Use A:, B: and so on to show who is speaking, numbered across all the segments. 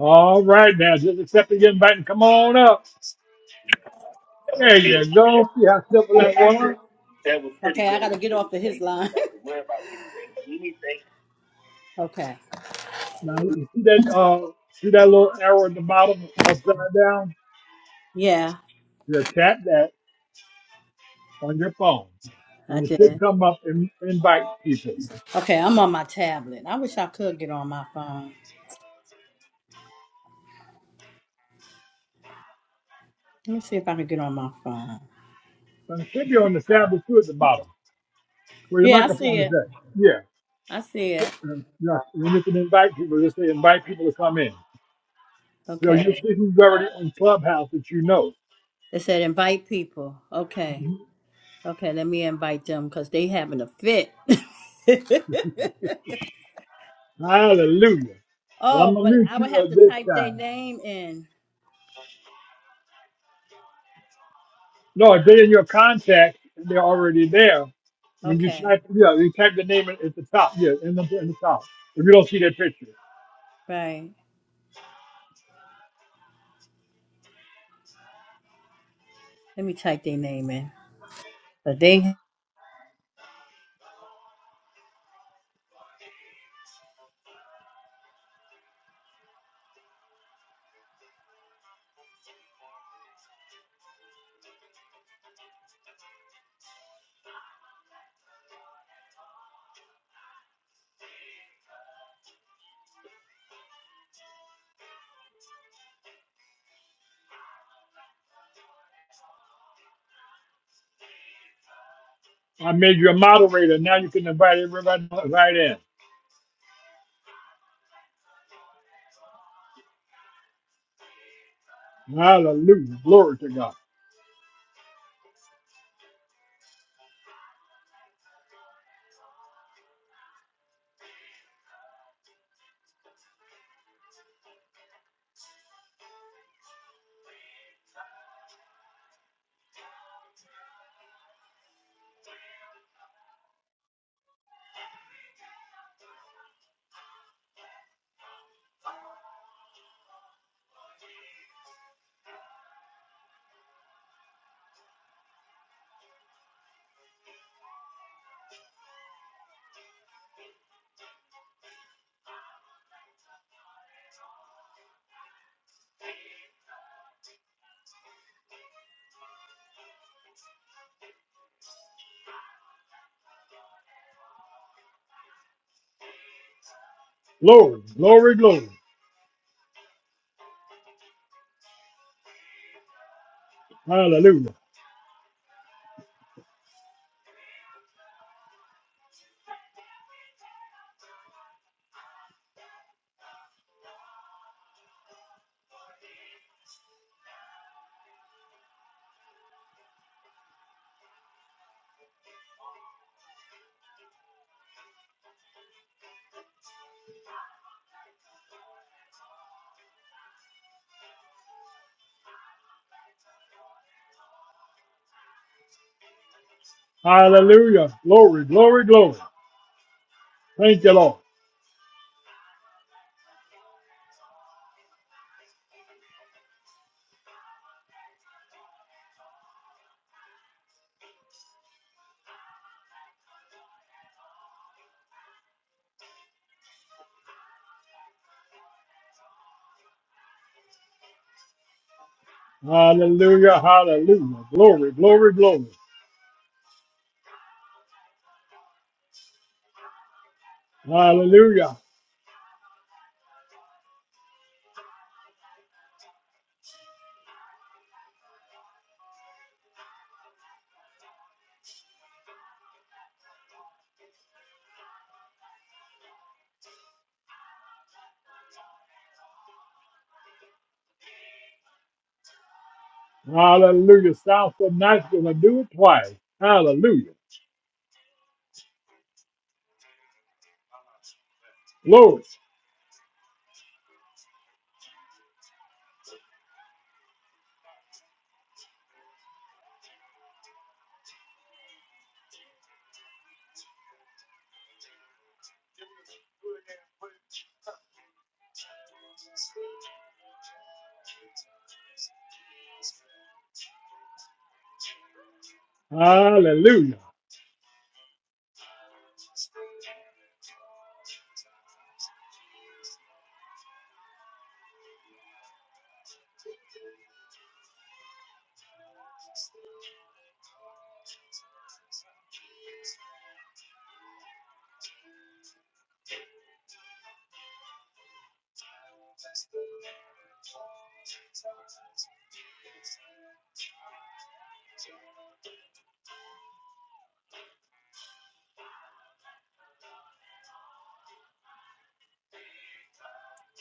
A: All right, now just accept the invite and come on up. There
B: That
A: you go. See how simple that was.
B: was pretty Okay, I good. got to get off of his line. Worry about anything, but anything. okay.
A: Now you see that uh see that little arrow at the bottom upside down?
B: Yeah,
A: Just tap that on your phone,
B: I
A: and it should
B: did.
A: come up and invite people.
B: Okay, I'm on my tablet. I wish I could get on my phone. Let me see if I can get on my phone.
A: And it should be on the tab too at the bottom where your
B: Yeah, I see
A: microphone is
B: it.
A: at. Yeah,
B: I see it.
A: and, yeah. And you can invite people. Just say invite people to come in. So you
B: Okay.
A: see who's already on Clubhouse that you know.
B: It said invite people. Okay. Okay, let me invite them because they having a fit.
A: Hallelujah. Well, I'm
B: oh,
A: gonna
B: but
A: mute
B: I would
A: you
B: have
A: uh,
B: to
A: this
B: type their
A: time.
B: name in.
A: No, if they're in your contact, they're already there. When you
B: Okay.
A: type, yeah, you type the name at the top. Yeah, in the, in the top. If you don't see that picture,
B: Right. Let me type their name in. But they
A: I made you a moderator. Now you can invite everybody right in. Hallelujah. Glory to God. Glory, glory, glory. Hallelujah. Hallelujah. Glory, glory, glory. Thank you, Lord. Hallelujah. Hallelujah. Glory, glory, glory. Hallelujah. Hallelujah. Sounds so nice. Gonna do it twice. Hallelujah. Glory. Hallelujah.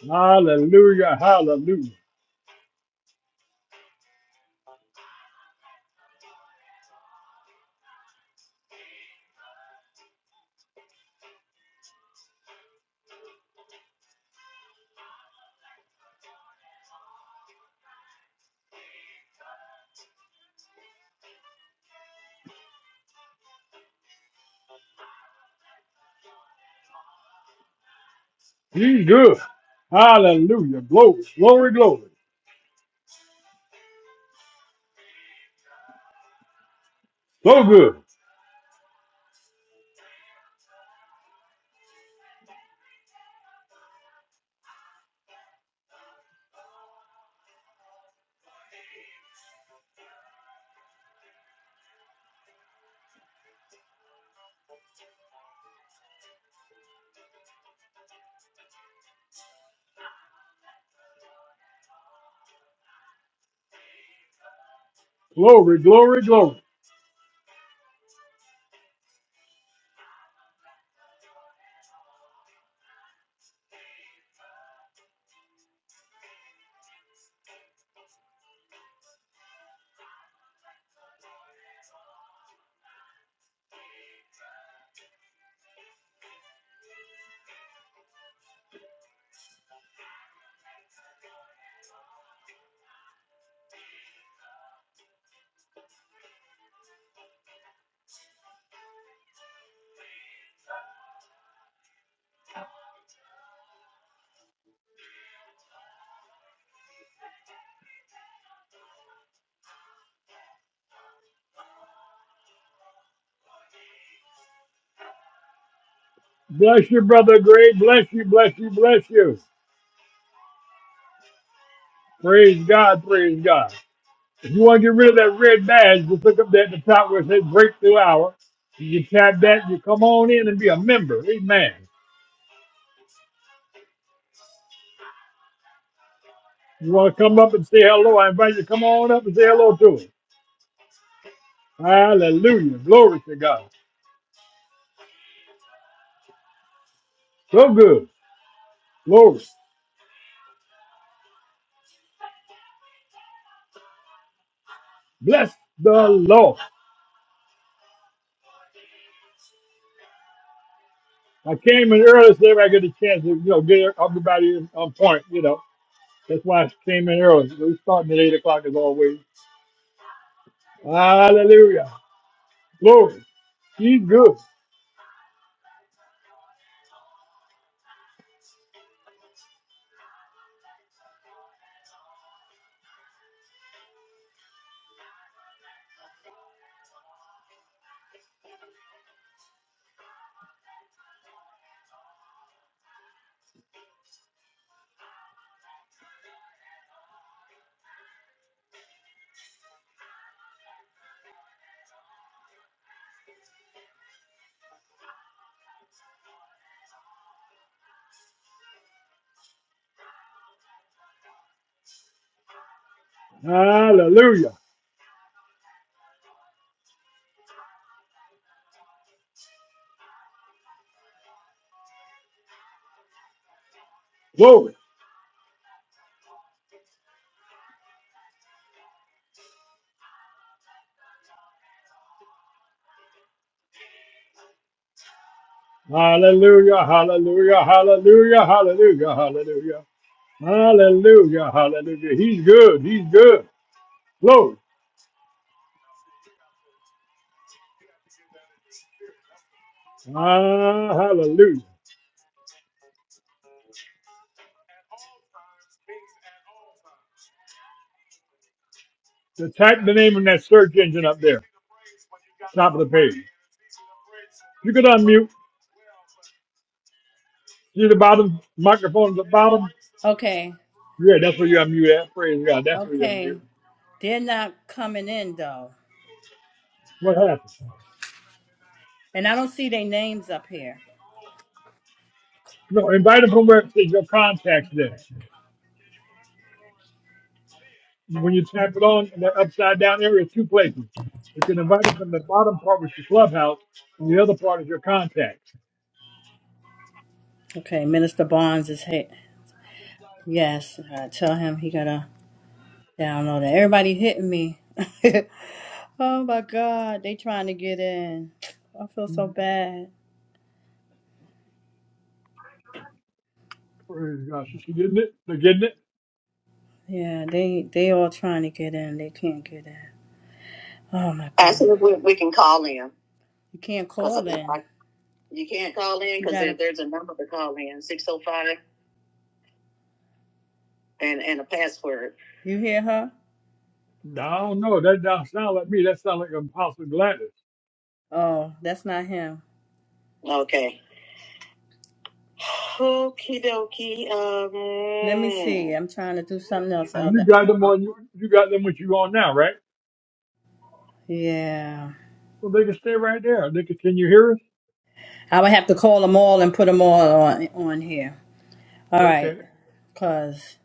A: Hallelujah. Hallelujah. He's good. Hallelujah. Glory, glory, glory. So good. Glory, glory, glory. Bless you, brother Greg. Bless you, bless you, bless you. Praise God, praise God. If you want to get rid of that red badge, just look up there at the top where it says breakthrough hour. You can tap that, you come on in and be a member. Amen. You want to come up and say hello, I invite you to come on up and say hello to us. Hallelujah. Glory to God. So good. Glory. Bless the Lord. I came in early so everybody get a chance to, you know, get everybody on point, you know. That's why I came in early. We're starting at 8 o'clock as always. Hallelujah. Glory. He's good. Hallelujah. Glory. Hallelujah. Hallelujah. Hallelujah. Hallelujah. Hallelujah. Hallelujah. Hallelujah. He's good. He's good. Glory. Ah, hallelujah. So type the name in that search engine up there. Top of the page. You can unmute. See the bottom microphone at the bottom?
B: Okay.
A: Yeah, that's where you're on mute at. Praise God, that's where you're on
B: Okay.
A: mute.
B: They're not coming in though.
A: What happened?
B: And I don't see their names up here.
A: No, invite them from where it says your contacts there. When you tap it on in the upside down area, two places. You can invite them from the bottom part, which is clubhouse, and the other part is your contacts.
B: Okay, Minister Barnes is hit. Yes, I tell him he gotta download it. Everybody hitting me. oh my God, they trying to get in. I feel so bad.
A: Praise God. She she getting it? They're getting it?
B: Yeah, they they all trying to get in. They can't get in. Oh my God, Actually, we, we can call in you can't because call in. you can't call in You because there, gotta. there's a number to call in six oh five and and a password. You hear her?
A: No, no, That don't sound like me. That sound like Apostle Gladys.
B: Oh, that's not him. Okay. Okie dokie. Um. Let me see. Um, I'm trying to do something else,
A: Well, you
B: Elder.
A: got them on you, you got them what you on now, right?
B: Yeah.
A: Well, they can stay right there. They continue hearing.
B: I would have to call them all and put them all on on here. All right.
A: Okay.
B: Cause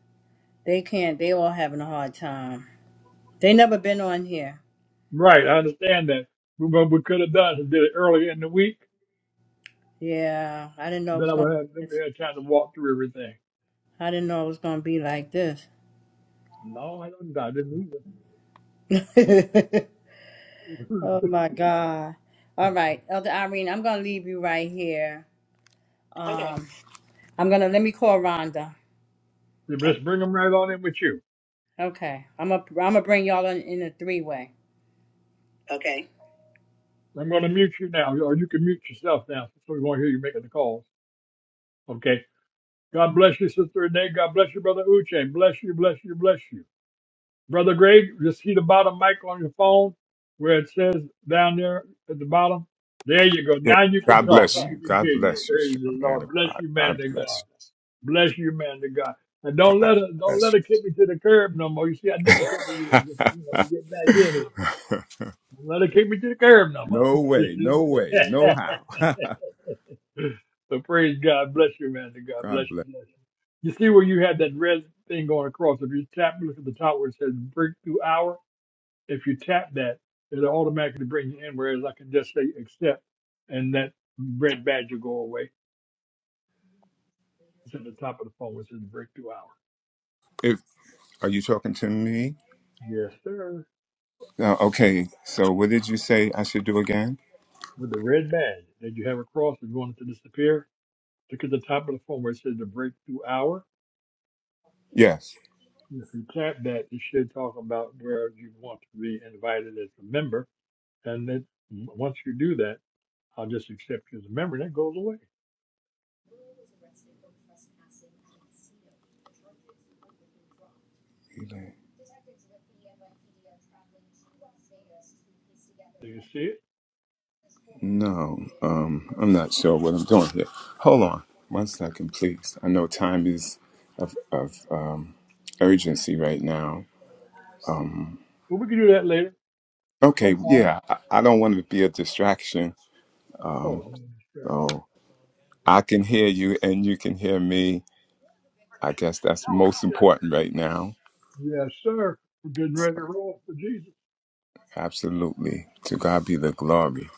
B: they can't. They all having a hard time. They never been on here.
A: Right, I understand that. But What we could have done is did it earlier in the week,
B: Yeah. I didn't know it
A: then
B: was
A: I
B: gonna.
A: would have
B: Be
A: then
B: this.
A: we had time to walk through everything.
B: I didn't know it was gonna be like this.
A: No, I don't. I didn't either.
B: oh my God. All right, Elder Irene. I'm gonna leave you right here. okay. Um, I'm gonna let me call Rhonda.
A: Then
B: Oh,
A: Just bring them right on in with you.
B: Okay. I'm a I'm gonna bring y'all in, in a three way. okay.
A: I'm going to mute you now, or you can mute yourself now, so we won't hear you making the calls. Okay. God bless you, Sister Renee. God bless you, Brother Uche. Bless you, bless you, bless you. Brother Greg, you see the bottom mic on your phone where it says down there at the bottom? There you go.
C: Yeah.
A: Now you can
C: God
A: talk.
C: bless
A: You
C: you.
A: can
C: God
A: hear you.
C: bless you,
A: Praise
C: strong
A: the
C: man
A: Lord.
C: of
A: Bless
C: God.
A: you, man
C: God
A: to God.
C: bless
A: Bless you, man to God. And
C: you.
A: don't
C: God
A: let her don't
C: bless
A: let her kick me to the curb no more. You see how difficult it is you know, to get back in it.
C: you.
A: Don't let her kick me to the curb no more.
C: no way. No way. No how.
A: so praise God. Bless you, man to God. Bless
C: God
A: you,
C: bless.
A: bless you. You see where you had that red thing going across. If you tap, look at the top where it says breakthrough hour if you tap that, it'll automatically bring you in. Whereas I can just say accept, and that red badge will go away. It's at the top of the phone. It says breakthrough hour.
C: If are you talking to me?
A: Yes, sir.
C: Uh, okay. So what did you say I should do again?
A: With the red badge that you have across, if you want it to disappear, look at the top of the phone where it says the breakthrough hour.
C: Yes.
A: If you tap that, it should talk about where you want to be invited as a member. And then once you do that, I'll just accept you as a member. That goes away. Do you see it?
C: No. Um. I'm not sure what I'm doing here. Hold on. One second, please. I know time is of of um, urgency right now. Um,
A: But we can do that later. No
C: Okay,
A: problem.
C: yeah, I, I don't want to be a distraction. Um,
A: Oh, no
C: so
A: distraction.
C: I can hear you and you can hear me. I guess that's most important right now.
A: Yes, sir. We're getting ready to roll for Jesus.
C: Absolutely. To God be the glory.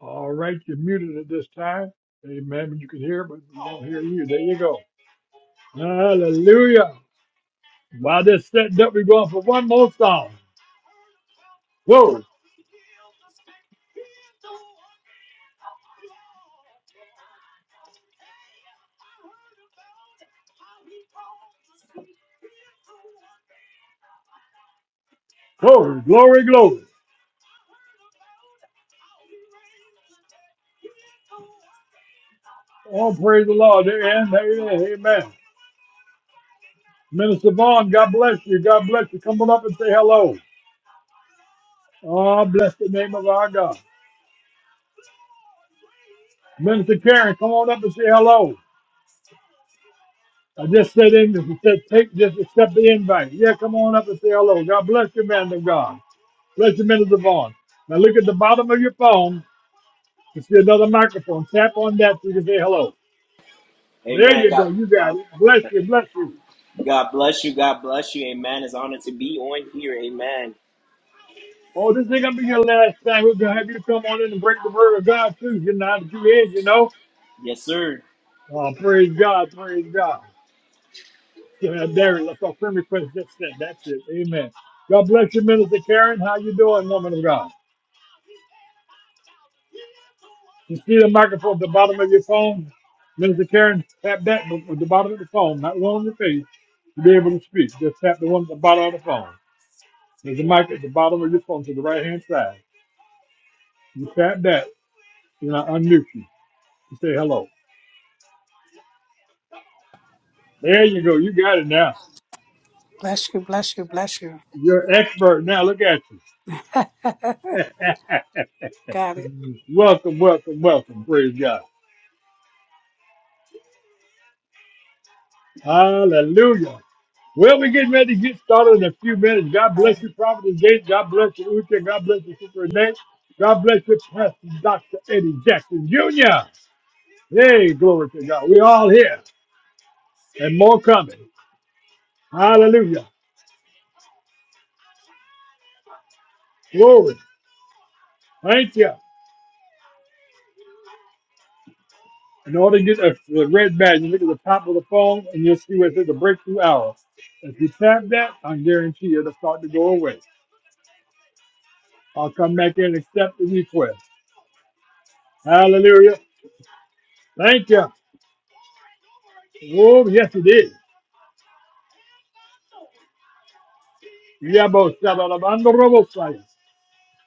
A: All right, you're muted at this time. Amen. You can hear, but we don't hear you. There you go. Hallelujah. While this setting up, we're going for one more song. Glory, glory, glory, glory. All praise the Lord. Amen. Amen. Amen. Minister Vaughn, God bless you. God bless you. Come on up and say hello. Oh, bless the name of our God. Minister Karen, come on up and say hello. I just said in, said, take, just accept the invite. Yeah, come on up and say hello. God bless you, man of God. Bless you, Minister Vaughn. Now look at the bottom of your phone. You see another microphone. Tap on that so you can say hello. There
D: Amen.
A: you
D: God,
A: go. You got
D: God,
A: it. Bless you. Bless you.
D: God bless you. God bless you. Amen. It's an honor to be on here. Amen.
A: Oh, this ain't gonna be your last time. We're gonna have you come on in and break the word of God too. You know how to do it, you know?
D: Yes, sir.
A: Oh, praise God, praise God. Yeah, there it is. That's our friend request just said, That's it. Amen. God bless you, Minister Karen. How you doing, woman of God? You see the microphone at the bottom of your phone? Minister Karen, tap that at the bottom of the phone, not one on your face, to be able to speak. Just tap the one at the bottom of the phone. There's a mic at the bottom of your phone to the right hand side. You tap that, and I unmute you. You say hello. There you go. You got it now.
E: Bless you, bless you, bless you.
A: You're an expert now. Look at you.
E: Got it.
A: welcome, welcome, welcome. Praise God. Hallelujah. Well, we're getting ready to get started in a few minutes. God
B: Oh,
A: bless you, Prophet Gates. God bless you, Uche. God bless you, Sister Renee. God bless you, Pastor Dr. Eddie Jackson Jr. Hey, glory to God. We're all here and more coming. Hallelujah. Glory. Thank you. In order to get a, the red badge, you look at the top of the phone and you'll see where it says the breakthrough hour. If you tap that, I guarantee you it'll start to go away. I'll come back in and accept the request. Hallelujah. Thank you. Oh, yes, it is. Yaboshabalabandorobosaya.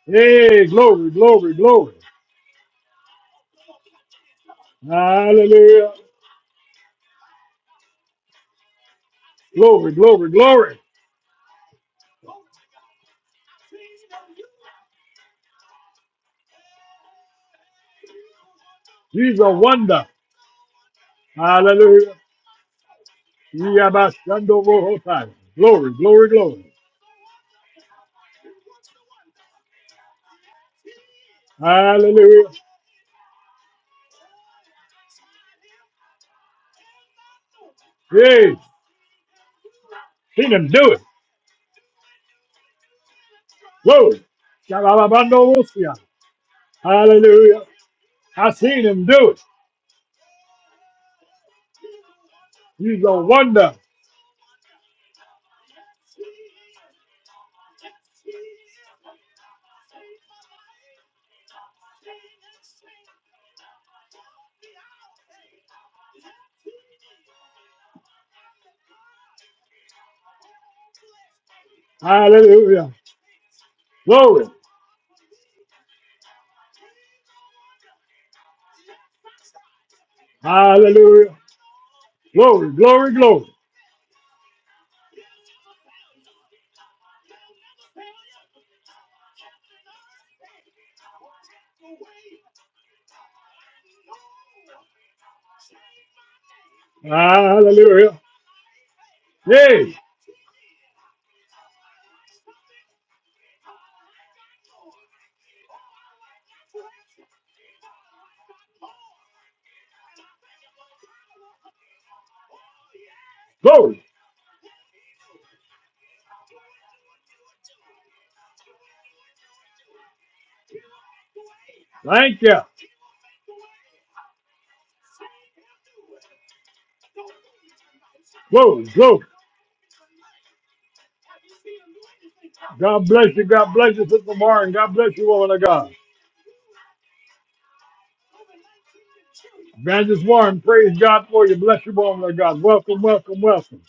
A: Hey, glory, glory, glory. Hallelujah. Glory, glory, glory. He's a wonder. Hallelujah. Yabashandorohosaya. Glory, glory, glory. Hallelujah. Hey, seen him do it. Glory. Shabalabandorosia. Hallelujah. I seen him do it. He's a wonder. Hallelujah. Glory. Hallelujah. Glory, glory, glory. Hallelujah. Hey, glory. Thank you. Whoa, Luke. God bless you. God bless you, Sister Warren. God bless you, woman of God. Evangelist Warren, praise God for you. Bless you, woman of God. Welcome, welcome, welcome.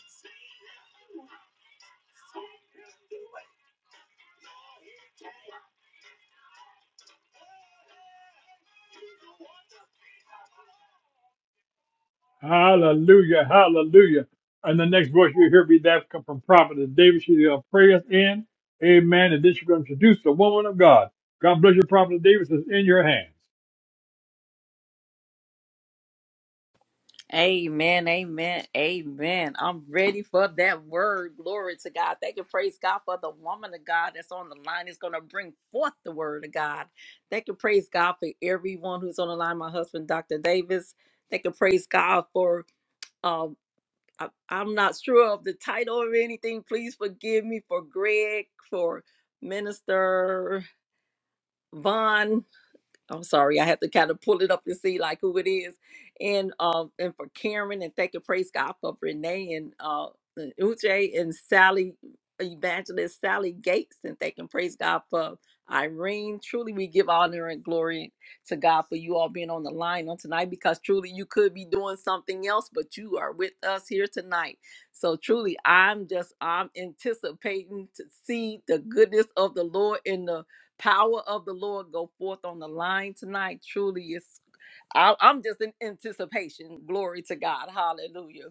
A: Hallelujah. Hallelujah. And the next voice you hear be that come from Prophet David. She's going to pray us in. Amen. And then she's going to introduce the woman of God. God bless you, Prophet David. It's in your hands.
F: Amen, amen, amen. I'm ready for that word. Glory to God. Thank you, praise God, for the woman of God that's on the line is going to bring forth the word of God. Thank you, praise God, for everyone who's on the line. My husband, Dr. Davis. Thank you, praise God, for. Um, I, I'm not sure of the title or anything. Please forgive me for Greg, for Minister Vaughn. I'm sorry, I have to kind of pull it up and see like who it is. And um and for Karen and thank you, praise God for Renee and uh and Uche and Sally Evangelist Sally Gates and thank and praise God for Irene. Truly we give honor and glory to God for you all being on the line on tonight because truly you could be doing something else, but you are with us here tonight. So truly I'm just I'm anticipating to see the goodness of the Lord in the Power of the Lord go forth on the line tonight. Truly, it's I, I'm just in anticipation. Glory to God. Hallelujah.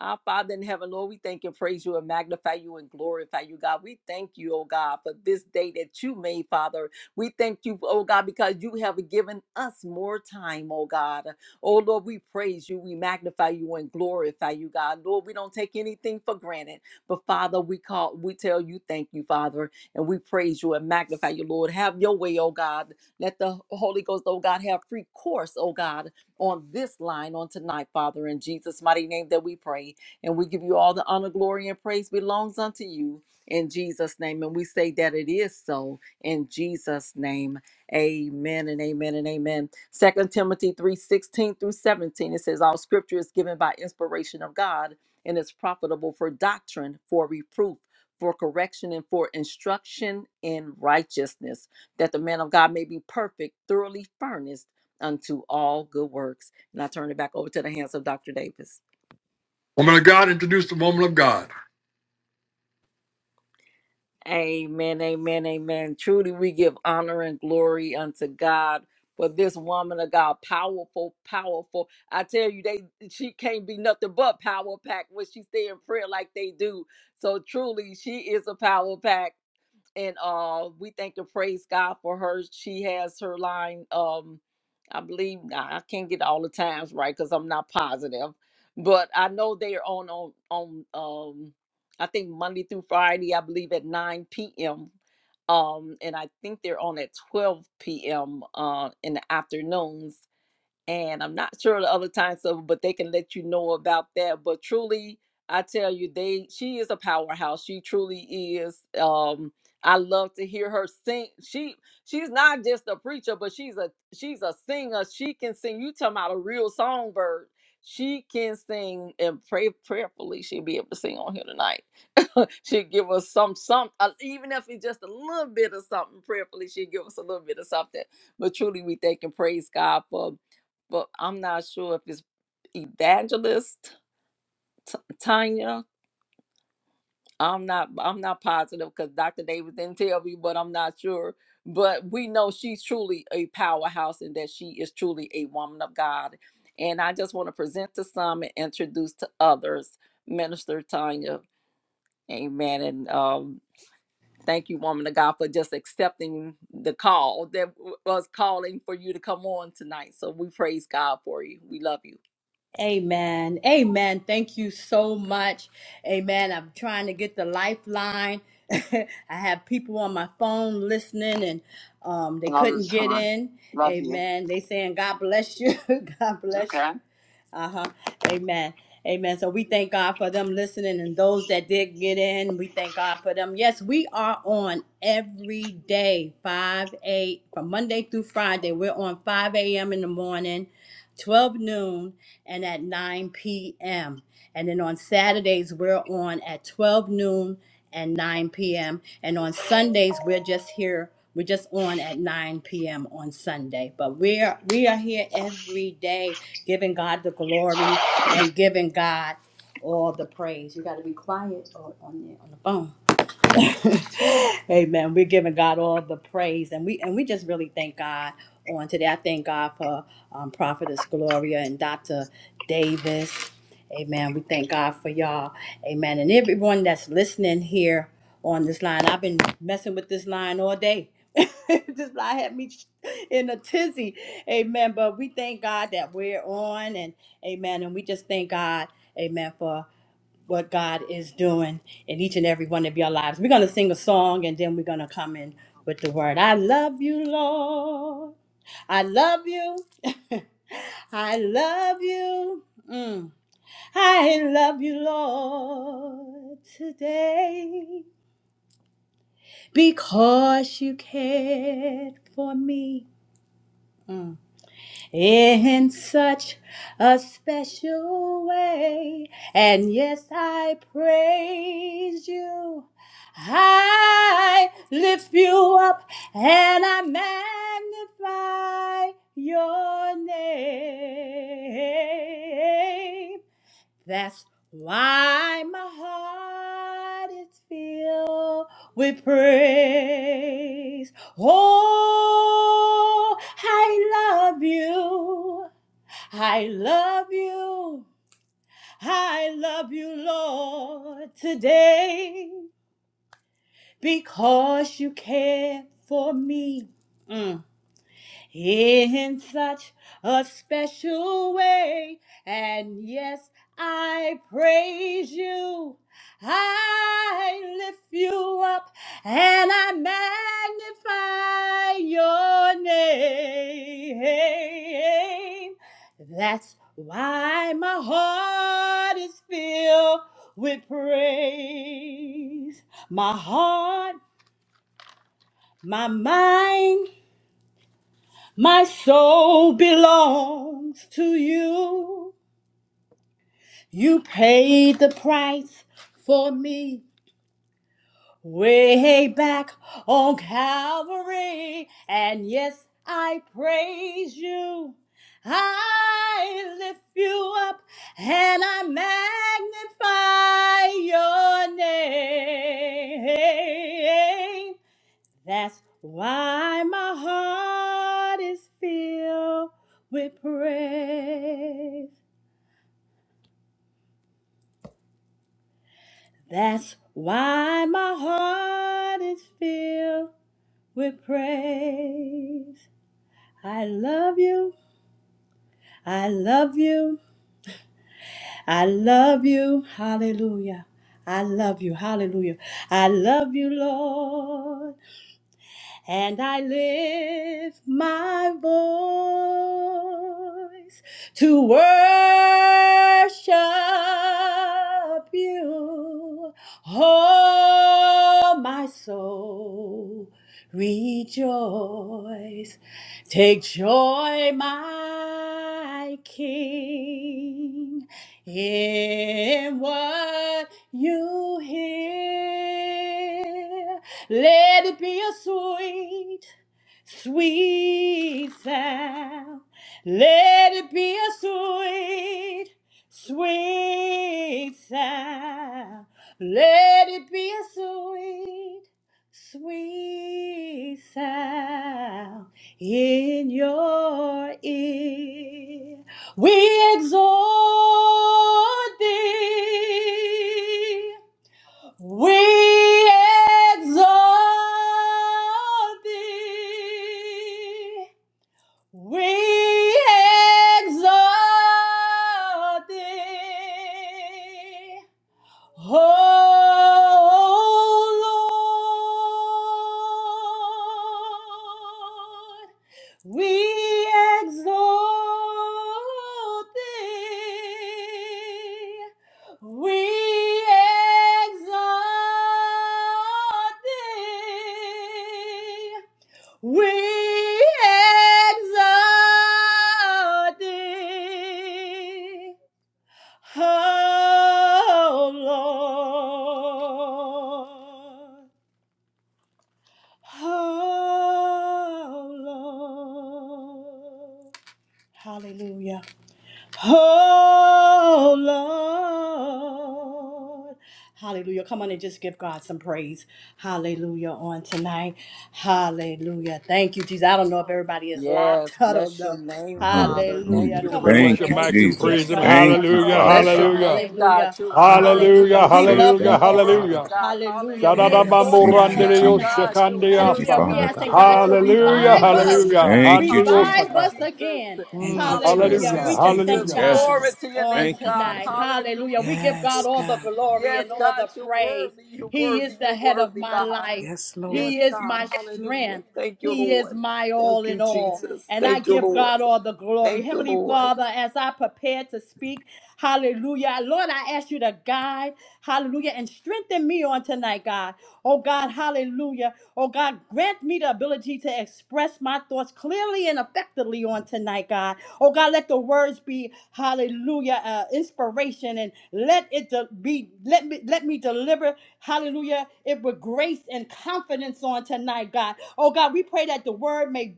F: Our Father in heaven, Lord, we thank and praise you and magnify you and glorify you, God. We thank you, oh God, for this day that you made, Father. We thank you, oh God, because you have given us more time, oh God. Oh Lord, we praise you, we magnify you and glorify you, God. Lord, we don't take anything for granted, but Father, we call, we tell you, thank you, Father, and we praise you and magnify you, Lord. Have your way, oh God. Let the Holy Ghost, oh God, have free course, oh God on this line on tonight, Father, in Jesus' mighty name that we pray. And we give you all the honor, glory, and praise belongs unto you in Jesus' name. And we say that it is so in Jesus' name. Amen and amen and amen. Second Timothy 3 16 through 17, it says, All scripture is given by inspiration of God and is profitable for doctrine, for reproof. For correction and for instruction in righteousness, that the man of God may be perfect, thoroughly furnished unto all good works. And I turn it back over to the hands of Dr. Davis.
A: Woman of God, introduce the woman of God.
F: Amen, amen, amen. Truly, we give honor and glory unto God for this woman of God. Powerful, powerful. I tell you, they she can't be nothing but power pack when she stay in prayer like they do. So truly, she is a power pack. and uh we thank and praise God for her. She has her line. Um, I believe I can't get all the times right because I'm not positive, but I know they are on on on um I think Monday through Friday. I believe at 9 p.m. Um, and I think they're on at 12 p.m. Uh, in the afternoons and I'm not sure the other times of, but they can let you know about that. But truly, I tell you, they she is a powerhouse. She truly is. Um, I love to hear her sing. She she's not just a preacher, but she's a she's a singer. She can sing. You talking about a real songbird. She can sing and pray prayerfully. She'll be able to sing on here tonight. she'll give us some some uh, even if it's just a little bit of something prayerfully. She'll give us a little bit of something. But truly, we thank and praise God for but I'm not sure if it's evangelist T- Tanya. I'm not I'm not positive because Dr. Davis didn't tell me, but I'm not sure. But we know she's truly a powerhouse and that she is truly a woman of God. And I just want to present to some and introduce to others, Minister Tanya. Amen. And um, thank you, woman of God, for just accepting the call that w- was calling for you to come on tonight. So we praise God for you. We love you.
B: Amen. Amen. Thank you so much. Amen. I'm trying to get the lifeline. I have people on my phone listening and um, they Love couldn't this get Sean. in. Love you. Amen. They saying God bless you. God bless Okay. Uh huh. Amen. Amen. So we thank God for them listening and those that did get in. We thank God for them. Yes, we are on every day, 5 8, from Monday through Friday. We're on 5 a.m. in the morning, 12 noon, and at 9 p.m. And then on Saturdays, we're on at 12 noon and 9 p.m. And on Sundays, we're just here. We're just on at 9 p.m. on Sunday. But we are we are here every day giving God the glory and giving God all the praise. You got to be quiet on, on, the, on the phone. Amen. We're giving God all the praise, and we and we just really thank God on today. I thank God for um, Prophetess Gloria and Dr. Davis. Amen. We thank God for y'all. Amen. And everyone that's listening here on this line, I've been messing with this line all day. this line had me in a tizzy. Amen. But we thank God that we're on, and Amen. And we just thank God. Amen. For what God is doing in each and every one of your lives. We're going to sing a song and then we're going to come in with the word. I love you, Lord. I love you. I love you. Mm. I love you, Lord, today because you cared for me. Mm. in such a special way. And yes, I praise you. I lift you up and I magnify your name. That's why my heart is filled with praise. Oh, I love you. I love you. I love you, Lord, today because you care for me. Mm in such a special way. And yes, I praise you. I lift you up and I magnify your name. That's why my heart is filled with praise. My heart, my mind my soul belongs to you. You paid the price for me way back on Calvary. And yes, I praise you. I lift you up and I magnify your name. That's why my heart is filled with praise. That's why my heart is filled with praise. I love you. I love you. I love you. Hallelujah. I love you. Hallelujah. I love you, Lord. and I lift my voice to worship you. Oh, my soul, rejoice. Take joy, my King, in what you hear. Let it be a sweet, sweet sound. Let it be a sweet, sweet sound. Let it be a sweet, sweet sound in your ear. We exalt thee. We exalt thee. We exalt thee. Oh Lord, we exalt thee. We exalt thee. We exalt thee. Oh Lord, oh Lord. Hallelujah. Oh Lord. Hallelujah. Come on and just give God some praise. Hallelujah on tonight. Hallelujah. Thank you, Jesus. I don't know if everybody is locked.
F: Yes,
B: I don't
F: bless your
B: know.
F: name, Father. Thank
B: Hallelujah.
F: you,
A: You
C: Hallelujah.
A: can
B: Come on and
A: release
F: Lord.
C: Thank
A: your
C: you,
B: just
F: Thank
A: max
F: you,
A: and
B: give
A: praise
C: Jesus.
A: him.
E: Lord,
F: Jesus.
B: God
C: Thank
B: some
C: you,
A: Hallelujah.
E: Lord.
C: Father
B: praise.
F: Bless your
C: God.
A: Hallelujah.
F: name, God.
B: Hallelujah.
F: You're
E: Thank you,
F: worthy.
B: Hallelujah.
A: Hallelujah.
C: I
F: You're
B: We
C: say
E: Jesus.
B: love
F: worthy.
B: the
A: Hallelujah.
F: You're
C: thank you,
B: Lord.
C: Father
F: worthy,
A: Hallelujah.
C: God.
F: God.
B: Hallelujah. We
F: Hallelujah.
E: Yes,
B: exhort
A: Shadadabambo
B: him
C: Thank you,
B: on
E: God.
F: Yes,
A: randirio
B: tonight.
F: God.
C: Jesus.
F: You're
C: Thank you,
B: Hallelujah.
F: worthy,
A: shakandiasa.
B: We
C: Father
F: God.
B: asking
F: You're
C: God.
B: God to
F: worthy, God.
A: Hallelujah,
F: You're
E: Oh,
B: revive us
E: yes,
F: worthy,
A: hallelujah,
E: God.
F: God.
C: Thank you,
B: revive
C: Jesus.
F: Hallelujah,
B: us
A: handiosaka.
B: again.
F: Jesus.
E: Thank
A: Mm,
E: you,
C: Yes,
B: Hallelujah.
A: hallelujah,
F: Hallelujah,
B: We
E: Jesus.
C: God.
B: just
E: Thank you,
F: Jesus.
B: thank
A: hallelujah,
C: Yes,
B: God
F: Glory
C: God.
E: Jesus.
F: to your
B: on
F: name,
C: Thank you,
F: God.
B: tonight.
C: Jesus.
B: Hallelujah.
F: Hallelujah,
B: We give God
E: Yes,
F: Jesus.
B: all the
E: God.
B: glory
F: Yes,
B: and all
F: God.
B: the
F: You're
B: praise.
F: worthy. You're
B: He is
F: worthy.
B: the
F: You're
B: head of
F: worthy,
B: my
F: God.
B: life.
E: Yes,
F: Yes,
E: Lord.
B: He is my
F: God. Hallelujah.
B: strength.
F: Thank you,
B: He
F: Lord.
B: is my all
F: Thank you,
B: in all.
F: Jesus.
B: And I
F: Thank you,
B: give
F: Lord.
B: God all the glory.
F: Thank you,
B: Heavenly
F: Lord.
B: Father, as I prepare to speak, hallelujah. Lord, I ask you to guide, hallelujah, and strengthen me on tonight, God. Oh, God, hallelujah. Oh God, grant me the ability to express my thoughts clearly and effectively on tonight, God. Oh God, let the words be hallelujah, uh, inspiration and let it de- be let me let me deliver hallelujah it with grace and confidence on tonight, God. Oh God, we pray that the word may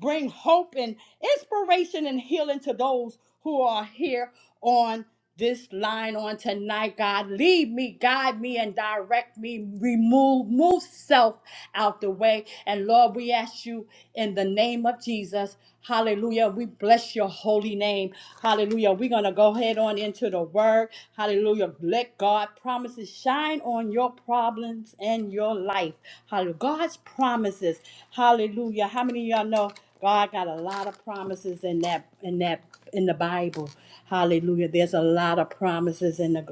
B: bring hope and inspiration and healing to those who are here on this line on tonight, God. Lead me, guide me, and direct me. Remove, move self out the way. And Lord, we ask you in the name of Jesus. Hallelujah. We bless your holy name. Hallelujah. We're going to go ahead on into the word. Hallelujah. Let God promises shine on your problems and your life. Hallelujah. God God's promises. Hallelujah. How many of y'all know God got a lot of promises in that in that in the Bible? Hallelujah. There's a lot of promises in the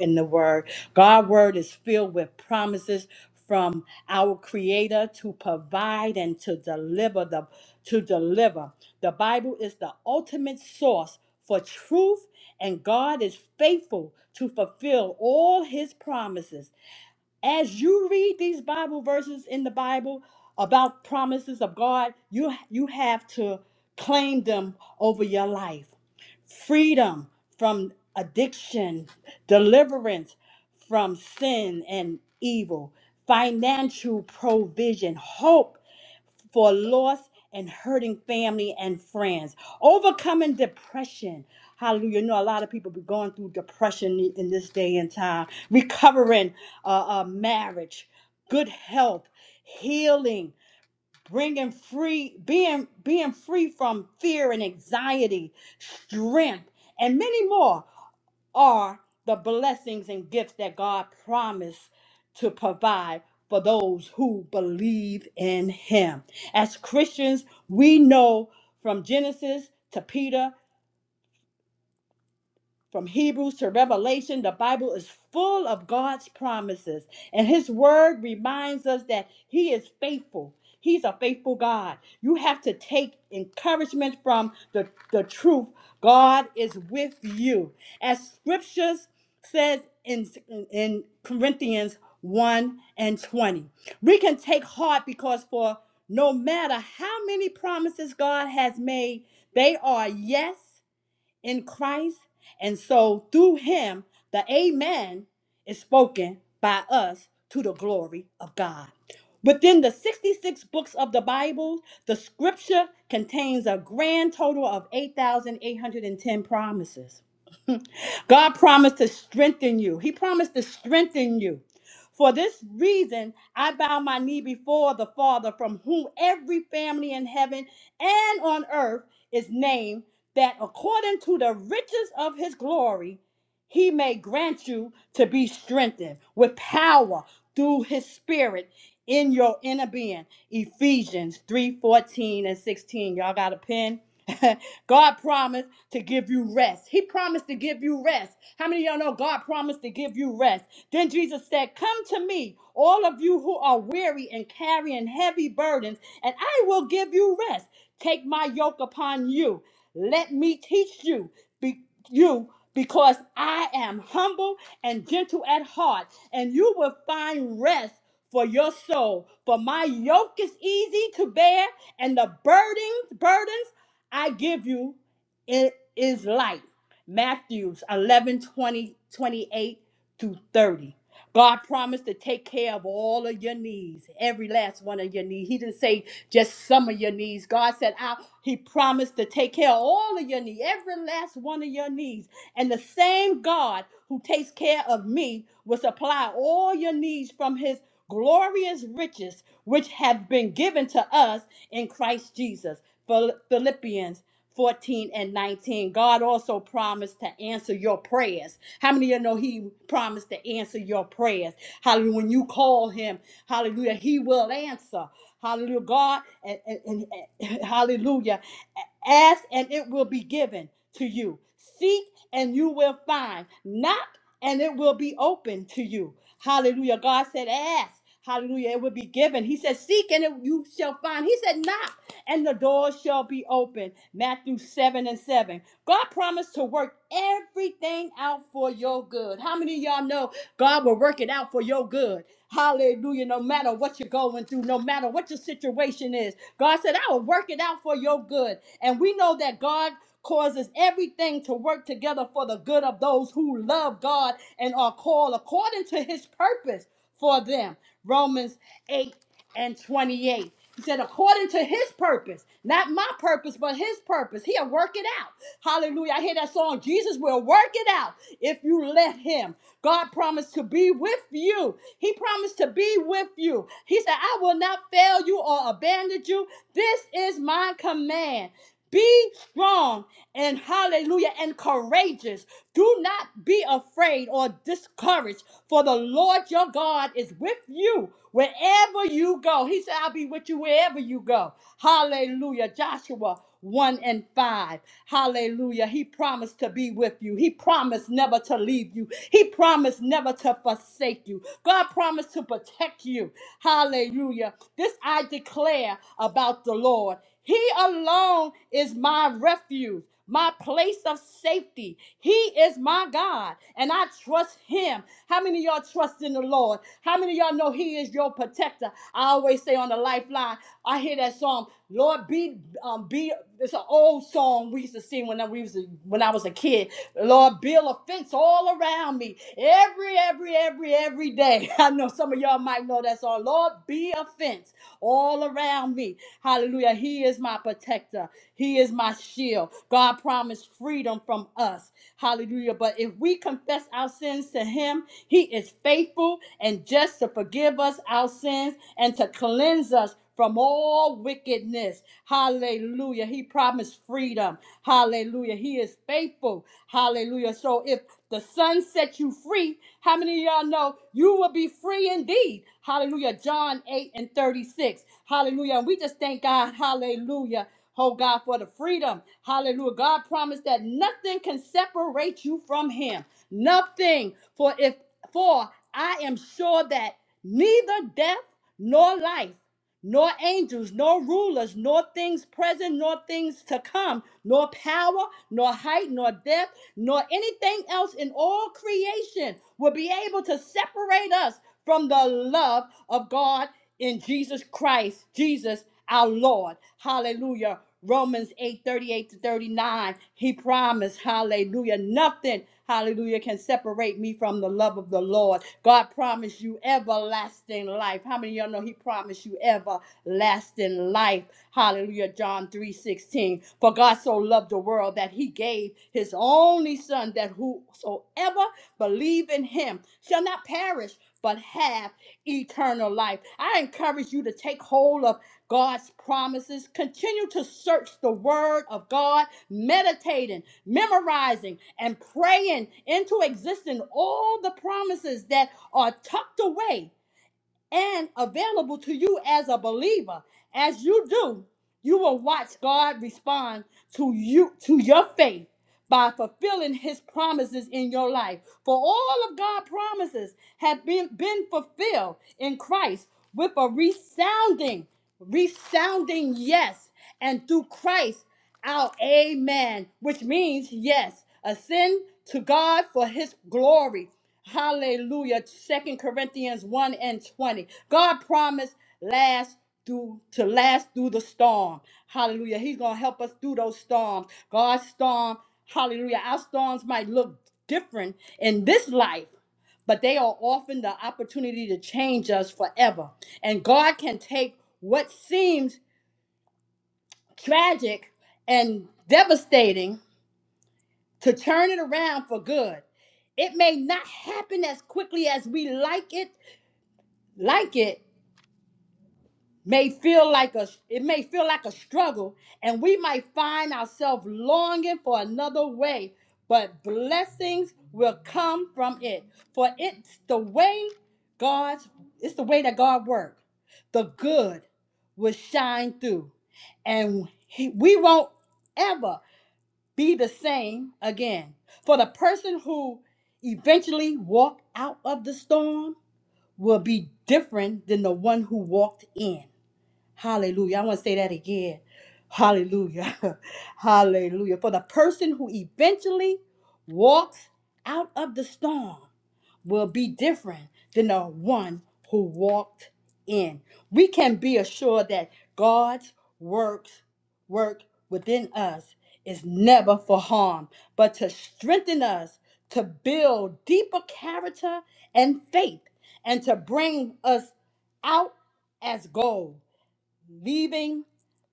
B: in the word. God's word is filled with promises from our creator to provide and to deliver the to deliver. The Bible is the ultimate source for truth and God is faithful to fulfill all his promises as you read these Bible verses in the Bible about promises of God, you you have to claim them over your life. Freedom from addiction, deliverance from sin and evil, financial provision, hope for lost and hurting family and friends, overcoming depression. Hallelujah. You know, a lot of people be going through depression i- in this day and time, recovering uh, uh, marriage, good health, healing, bringing free, being, being free from fear and anxiety, strength, and many more are the blessings and gifts that God promised to provide for those who believe in Him. As Christians, we know from Genesis to Peter from Hebrews to Revelation, the Bible is full of God's promises, and His Word reminds us that He is faithful. He's a faithful God. You have to take encouragement from the, the truth. God is with you. As scriptures says in, in Corinthians 1 and 20, we can take heart because for no matter how many promises God has made, they are yes in Christ. And so through him, the Amen is spoken by us to the glory of God. Within the 66 books of the Bible, the scripture contains a grand total of 8,810 promises. God promised to strengthen you. He promised to strengthen you. For this reason, I bow my knee before the Father, from whom every family in heaven and on earth is named, that according to the riches of his glory, he may grant you to be strengthened with power through his spirit in your inner being. Ephesians 3 14 and 16. Y'all got a pen? God promised to give you rest. He promised to give you rest. How many of y'all know God promised to give you rest? Then Jesus said, Come to me, all of you who are weary and carrying heavy burdens, and I will give you rest. Take my yoke upon you. Let me teach you, be, you because I am humble and gentle at heart, and you will find rest for your soul. For my yoke is easy to bear, and the burdens, burdens I give you it is light. Matthews eleven twenty twenty eight 20, through 30. God promised to take care of all of your needs, every last one of your needs. He didn't say just some of your needs. God said, I, He promised to take care of all of your needs, every last one of your needs. And the same God who takes care of me will supply all your needs from His glorious riches, which have been given to us in Christ Jesus. Phil- Philippians 14 and 19. God also promised to answer your prayers. How many of you know He promised to answer your prayers? Hallelujah. When you call Him, hallelujah, He will answer. Hallelujah. God, and, and- and- and- hallelujah. Ask and it will be given to you. Seek and you will find. Knock and it will be open to you. Hallelujah. God said, Ask. Hallelujah. It will be given. He said, Seek and it- you shall find. He said, Knock and the door shall be open. Matthew 7 and 7. God promised to work everything out for your good. How many of y'all know God will work it out for your good? Hallelujah. No matter what you're going through, no matter what your situation is, God said, I will work it out for your good. And we know that God causes everything to work together for the good of those who love God and are called according to his purpose for them. Romans eight and 28. He said, according to his purpose, not my purpose, but his purpose. He'll work it out. Hallelujah. I hear that song. Jesus will work it out if you let him. God promised to be with you. He promised to be with you. He said, I will not fail you or abandon you. This is my command. Be strong and hallelujah and courageous. Do not be afraid or discouraged, for the Lord your God is with you wherever you go. He said, I'll be with you wherever you go. Hallelujah. Joshua 1 and 5. Hallelujah. He promised to be with you. He promised never to leave you. He promised never to forsake you. God promised to protect you. Hallelujah. This I declare about the Lord. He alone is my refuge, my place of safety. He is my God, and I trust Him. How many of y'all trust in the Lord? How many of y'all know He is your protector? I always say on the lifeline, I hear that song, Lord, be, um, be. It's an old song we used to sing when I, we was a, when I was a kid. Lord, build a fence all around me every, every, every, every, every day. I know some of y'all might know that song. Lord, be a fence all around me. Hallelujah. He is my protector. He is my shield. God promised freedom from us. Hallelujah. But if we confess our sins to Him, He is faithful and just to forgive us our sins and to cleanse us from all wickedness. Hallelujah. He promised freedom. Hallelujah. He is faithful. Hallelujah. So if the sun set you free. How many of y'all know you will be free indeed? Hallelujah. John 8 and 36. Hallelujah. And we just thank God. Hallelujah. Oh God, for the freedom. Hallelujah. God promised that nothing can separate you from him. Nothing. For if for I am sure that neither death nor life nor angels, nor rulers, nor things present, nor things to come, nor power, nor height, nor depth, nor anything else in all creation will be able to separate us from the love of God in Jesus Christ, Jesus our Lord. Hallelujah. Romans 8 38 to 39, he promised, hallelujah, nothing, hallelujah, can separate me from the love of the Lord. God promised you everlasting life. How many of y'all know he promised you everlasting life? Hallelujah, John 3 16. For God so loved the world that he gave his only son that whosoever believe in him shall not perish but have eternal life. I encourage you to take hold of God's promises. Continue to search the Word of God, meditating, memorizing, and praying into existence all the promises that are tucked away and available to you as a believer. As you do, you will watch God respond to you to your faith by fulfilling his promises in your life. For all of God's promises have been, been fulfilled in Christ with a resounding, resounding yes. And through Christ, our amen, which means yes, ascend to God for his glory. Hallelujah. Second Corinthians 1 and 20. God promised last through to last through the storm. Hallelujah. He's gonna help us through those storms. God's storm, hallelujah. Our storms might look different in this life, but they are often the opportunity to change us forever. And God can take what seems tragic and devastating to turn it around for good. It may not happen as quickly as we like it, like it, may feel like a it may feel like a struggle and we might find ourselves longing for another way but blessings will come from it for it's the way god's it's the way that god works the good will shine through and he- we won't ever be the same again for the person who eventually walked out of the storm will be different than the one who walked in Hallelujah. I want to say that again. Hallelujah. Hallelujah. For the person who eventually walks out of the storm will be different than the one who walked in. We can be assured that God's works work within us is never for harm, but to strengthen us to build deeper character and faith and to bring us out as gold leaving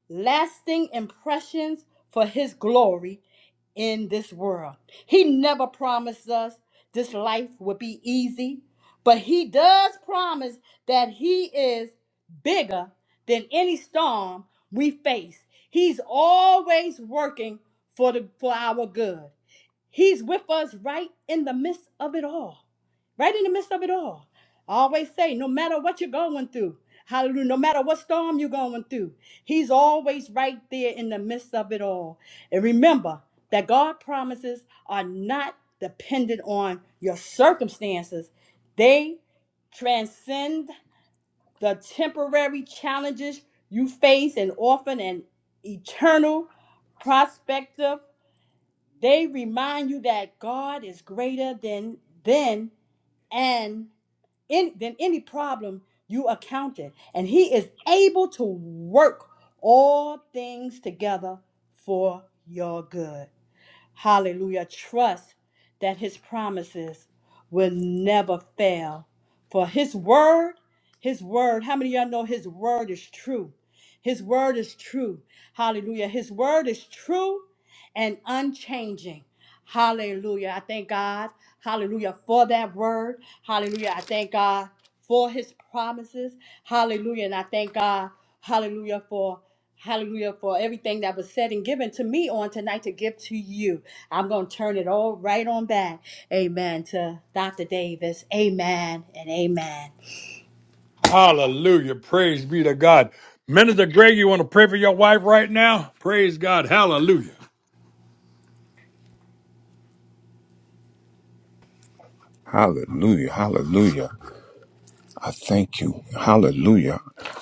B: lasting impressions for his glory in this world. He never promised us this life would be easy, but he does promise that he is bigger than any storm we face. He's always working for the for our good. He's with us right in the midst of it all. Right in the midst of it all. I always say, no matter what you're going through, hallelujah, no matter what storm you're going through, He's always right there in the midst of it all. And remember that God promises are not dependent on your circumstances. They transcend the temporary challenges you face and often an eternal perspective. They remind you that God is greater than then and in, than any problem you encountered, and He is able to work all things together for your good. Hallelujah. Trust that His promises will never fail. For His word, His word, how many of y'all know His word is true? His word is true. Hallelujah. His word is true and unchanging. Hallelujah. I thank God. Hallelujah for that word. Hallelujah. I thank God for his promises. Hallelujah. And I thank God. Hallelujah for hallelujah for everything that was said and given to me on tonight to give to you. I'm going to turn it all right on back. Amen to Dr. Davis. Amen and amen.
A: hallelujah. Praise be to God. Minister Greg, you want to pray for your wife right now? Praise God, hallelujah.
C: Hallelujah. Hallelujah. I thank you. Hallelujah.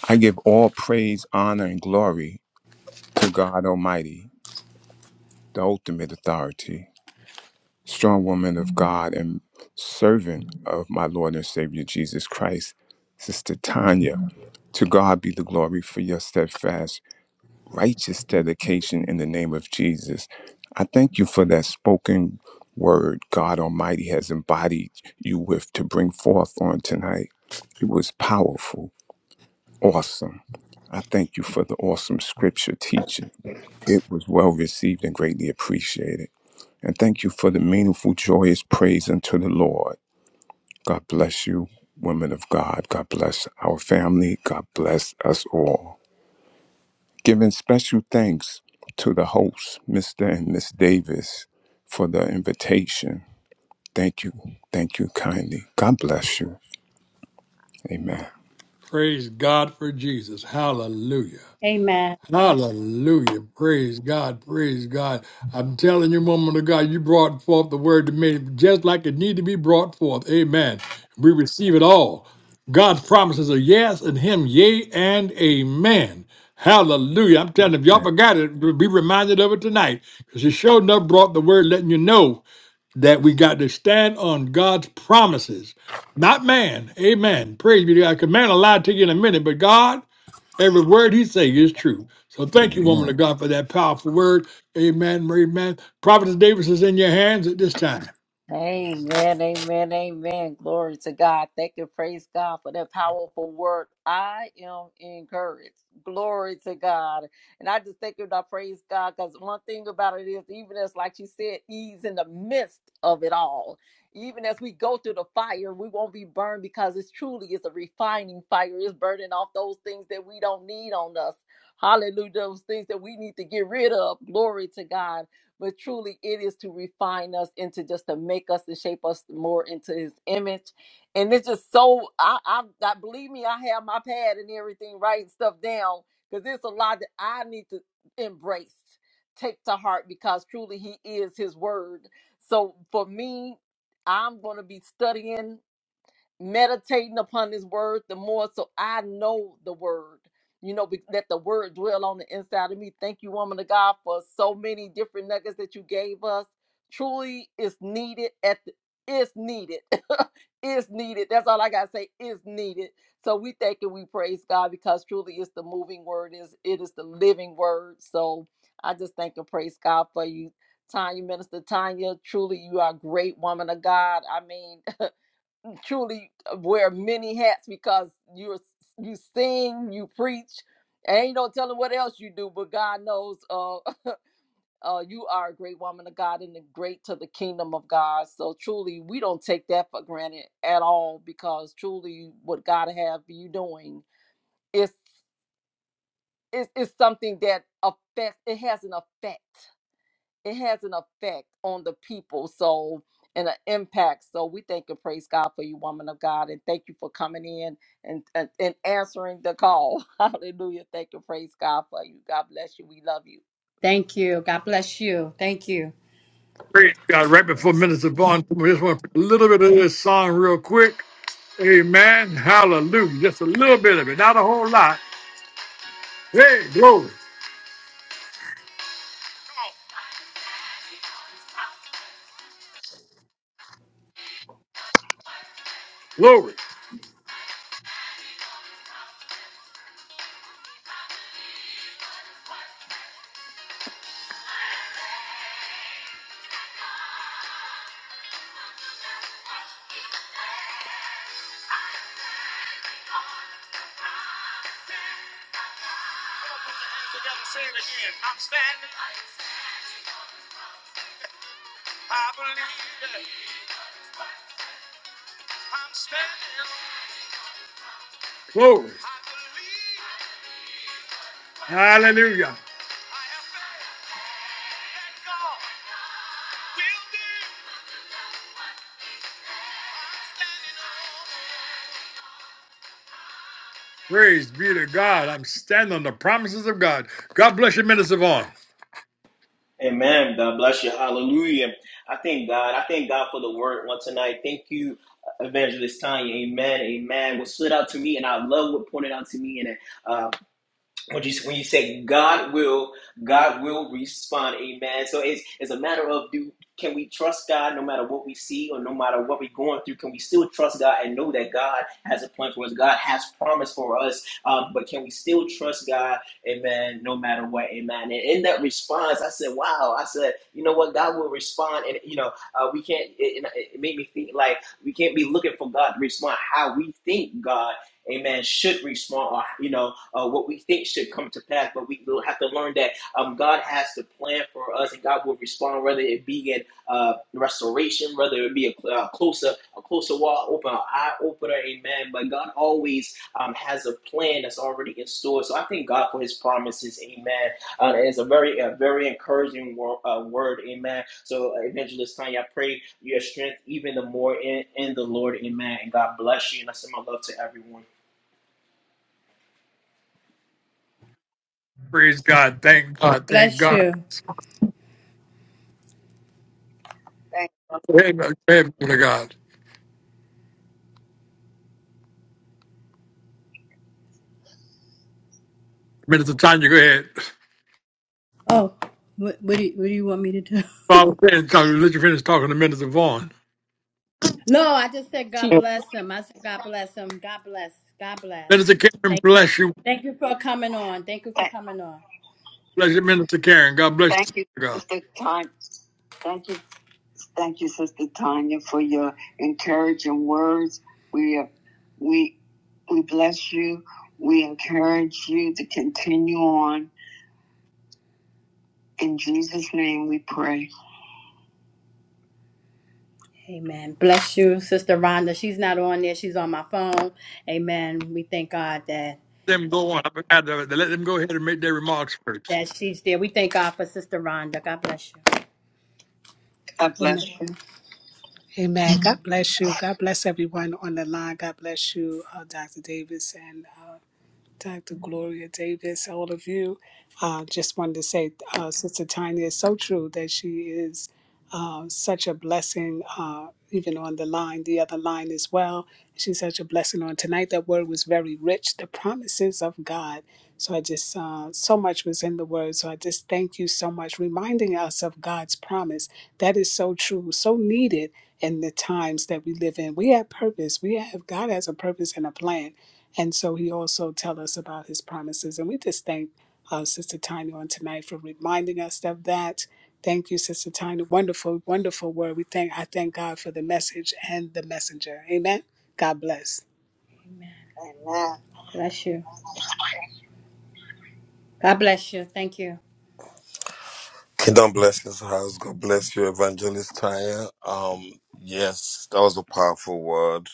C: I give all praise, honor, and glory to God Almighty, the ultimate authority, strong woman of God, and servant of my Lord and Savior Jesus Christ, Sister Tanya. To God be the glory for your steadfast, righteous dedication in the name of Jesus. I thank you for that spoken word God Almighty has embodied you with to bring forth on tonight. It was powerful Awesome. I thank you for the awesome scripture teaching. It was well received and greatly appreciated. And thank you for the meaningful, joyous praise unto the Lord. God bless you, women of God. God bless our family. God bless us all. Giving special thanks to the hosts, Mr. and Miss Davis, for the invitation. Thank you. Thank you kindly. God bless you. Amen.
A: Praise God for Jesus, hallelujah.
B: Amen.
A: Hallelujah. Praise God. Praise God. I'm telling you, woman of God, you brought forth the word to me just like it need to be brought forth. Amen. We receive it all. God's promises are yes and him, yea and amen. Hallelujah. I'm telling you, if y'all forgot it, be reminded of it tonight. Because you sure enough brought the word letting you know that we got to stand on God's promises. Not man. Amen. Praise be to God. Because man will lie to you in a minute, but God Every word he say is true. So thank you, woman
C: Amen.
A: of God, for that powerful word. Amen. Amen. Prophet Davis is in your hands at this time.
F: Amen, amen, amen. Glory to God. Thank you, praise God for that powerful word. I am encouraged. Glory to God. And I just thank you, and I praise God, because one thing about it is, even as, like you said, He's in the midst of it all. Even as we go through the fire, we won't be burned because it's truly is a refining fire. It's burning off those things that we don't need on us. Hallelujah. Those things that we need to get rid of. Glory to God but truly it is to refine us into just to make us and shape us more into his image. And it's just so I I, I believe me, I have my pad and everything writing stuff down because there's a lot that I need to embrace, take to heart because truly he is his word. So for me, I'm gonna be studying meditating upon his word the more so I know the word. You know, be- let the word dwell on the inside of me. Thank you, woman of God, for so many different nuggets that you gave us. Truly is needed at the it's needed. it's needed. That's all I gotta say. It's needed. So we thank and we praise God because truly it's the moving word, is it is the living word. So I just thank and praise God for you, Tanya, Minister Tanya. Truly you are a great woman of God. I mean, truly uh, wear many hats because you're you sing, you preach, and you don't tell them what else you do. But God knows, uh, uh, you are a great woman of God and a great to the kingdom of God. So truly, we don't take that for granted at all because truly, what God have you doing is is is something that affects. It has an effect it has an effect on the people so and an impact so we thank and praise god for you woman of god and thank you for coming in and and, and answering the call hallelujah thank and praise god for you god bless you we love you
B: Thank you. God bless you. Thank you.
A: Praise God. Right before Minister Vaughn, we just want to put a little bit of this song real quick. Amen. Hallelujah. Just a little bit of it. Not a whole lot. Hey, glory, glory, glory. Hallelujah. Praise be to God. I'm standing on the promises of God. God bless you, Minister Vaughn.
D: Amen. God bless you. Hallelujah. I thank God. I thank God for the word on tonight. Thank you, Evangelist Tanya. Amen. Amen. What stood out to me, and I love what pointed out to me and. it. uh, when you when you say God will, God will respond. Amen. So it's it's a matter of do can we trust God no matter what we see or no matter what we're going through? Can we still trust God and know that God has a plan for us? God has promise for us. Um, but can we still trust God? Amen. No matter what. Amen. And in that response, I said, "Wow!" I said, "You know what? God will respond." And you know, uh, we can't. It, it it made me think like we can't be looking for God to respond how we think God. Amen. Should respond, or you know, uh, what we think should come to pass, but we will have to learn that um, God has the plan for us, and God will respond, whether it be in uh, restoration, whether it be a, a closer, a closer wall open, an eye opener, amen. But God always um, has a plan that's already in store. So I thank God for His promises, amen. Uh, it's a very, a very encouraging wor- uh, word, amen. So uh, Evangelist Tanya, I pray your strength even the more in, in the Lord, amen. And God bless you, and I send my love to everyone.
A: Praise God. Thank God. Thank
B: Bless
A: God.
B: you. Thank you.
A: Amen. Amen. To God. Minister Tanya, go ahead.
B: Oh, what, what, do, you, what do you want me to do?
A: Father, finish talking. Let you finish talking to Minister Vaughn.
B: No, I just said God
F: She.
B: bless him. I said God bless him. God bless. God bless.
A: Minister Karen,
B: Thank you.
A: bless you.
B: Thank you for coming on. Thank you for Thank coming on.
A: Bless you, Minister Karen. God bless
B: Thank you,
A: you. God.
B: Sister Tanya. Thank you, thank you, Sister Tanya, for your encouraging words. We we we bless you. We encourage you to continue on. In Jesus' name, we pray. Amen. Bless you, Sister Rhonda. She's not on there. She's on my phone. Amen. We thank God that.
A: Let them go on. I Let them go ahead and make their remarks first.
B: that she's there. We thank God for Sister Rhonda. God bless you. Bless
E: Amen.
B: you.
E: Amen. God bless you. God bless everyone on the line. God bless you, uh, Dr. Davis and uh, Dr. Gloria Davis, all of you. Uh, just wanted to say, uh, Sister Tanya is so true that she is. uh, such a blessing, uh, even on the line, the other line as well. She's such a blessing on tonight. That word was very rich, the promises of God. So I just, uh, so much was in the word. So I just thank you so much, reminding us of God's promise. That is so true, so needed in the times that we live in. We have purpose. We have, God has a purpose and a plan. And so he also tell us about his promises. And we just thank uh, Sister Tanya on tonight for reminding us of that. Thank you, Sister Tanya. Wonderful, wonderful word. We thank I thank God for the message and the messenger. Amen. God bless.
B: Amen. Bless you. God bless you. Thank you.
G: Kingdom blessings, house. God bless you, Evangelist Taya. Um, yes, that was a powerful word.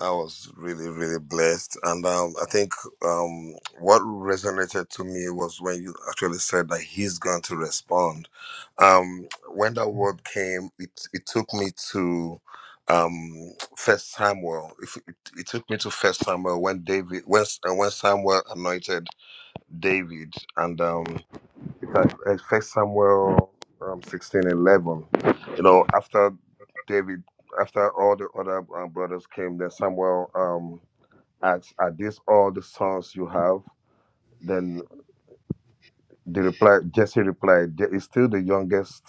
G: I was really, really blessed. And um, I think um, what resonated to me was when you actually said that he's going to respond. Um, when that word came, it, it took me to um first samuel if it, it took me to first samuel when david when, when samuel anointed david and um because it's like, uh, First Samuel um, sixteen and eleven. You know, after David, after all the other um, brothers came, then Samuel um, asked, "Are these all the sons you have?" Then the reply, Jesse replied, "There is still the youngest,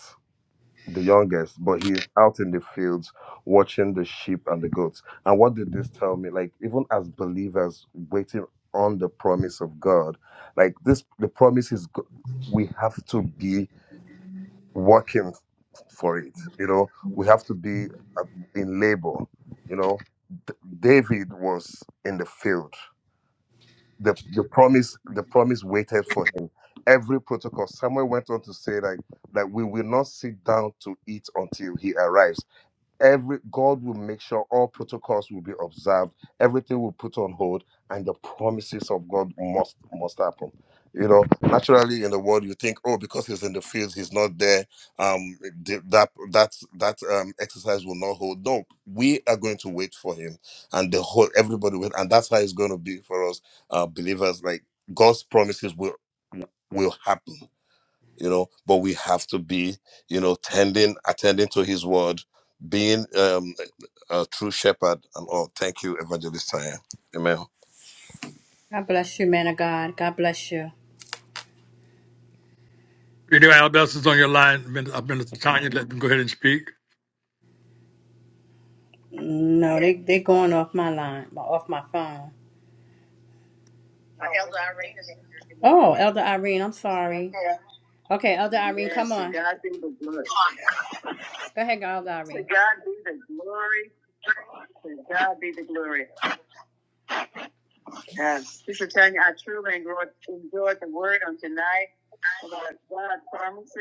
G: the youngest, but he is out in the fields watching the sheep and the goats." And what did this tell me? Like even as believers waiting on the promise of God, like this, the promise is. go- We have to be working for it. You know, we have to be uh, in labor. You know, D- David was in the field. The the promise the promise waited for him. Every protocol. Samuel went on to say like that we will not sit down to eat until he arrives every God will make sure all protocols will be observed, everything will put on hold, and the promises of God must must happen. You know, naturally in the world you think, oh, because he's in the fields, he's not there. Um, th- that that that um exercise will not hold. No, we are going to wait for him, and the whole everybody will, and that's how it's going to be for us, uh, believers. Like God's promises will will happen you know but we have to be you know tending attending to his word being um a true shepherd and all thank you evangelist Tanya. amen
B: God bless you, man of God. God bless you.
A: If anyone else is on your line, Min- uh, Minister Tanya, let them go ahead and speak.
B: No, they they going off my line, off my phone. Elder Irene is in here. Oh, Elder Irene, I'm sorry. Yeah. Okay, Elder Irene, Yes, come to on. God be the glory. Go ahead, Elder To Irene. God be the glory. To God be the glory. Yes. Sister Tanya, I truly enjoyed enjoyed the word on tonight about God's promises.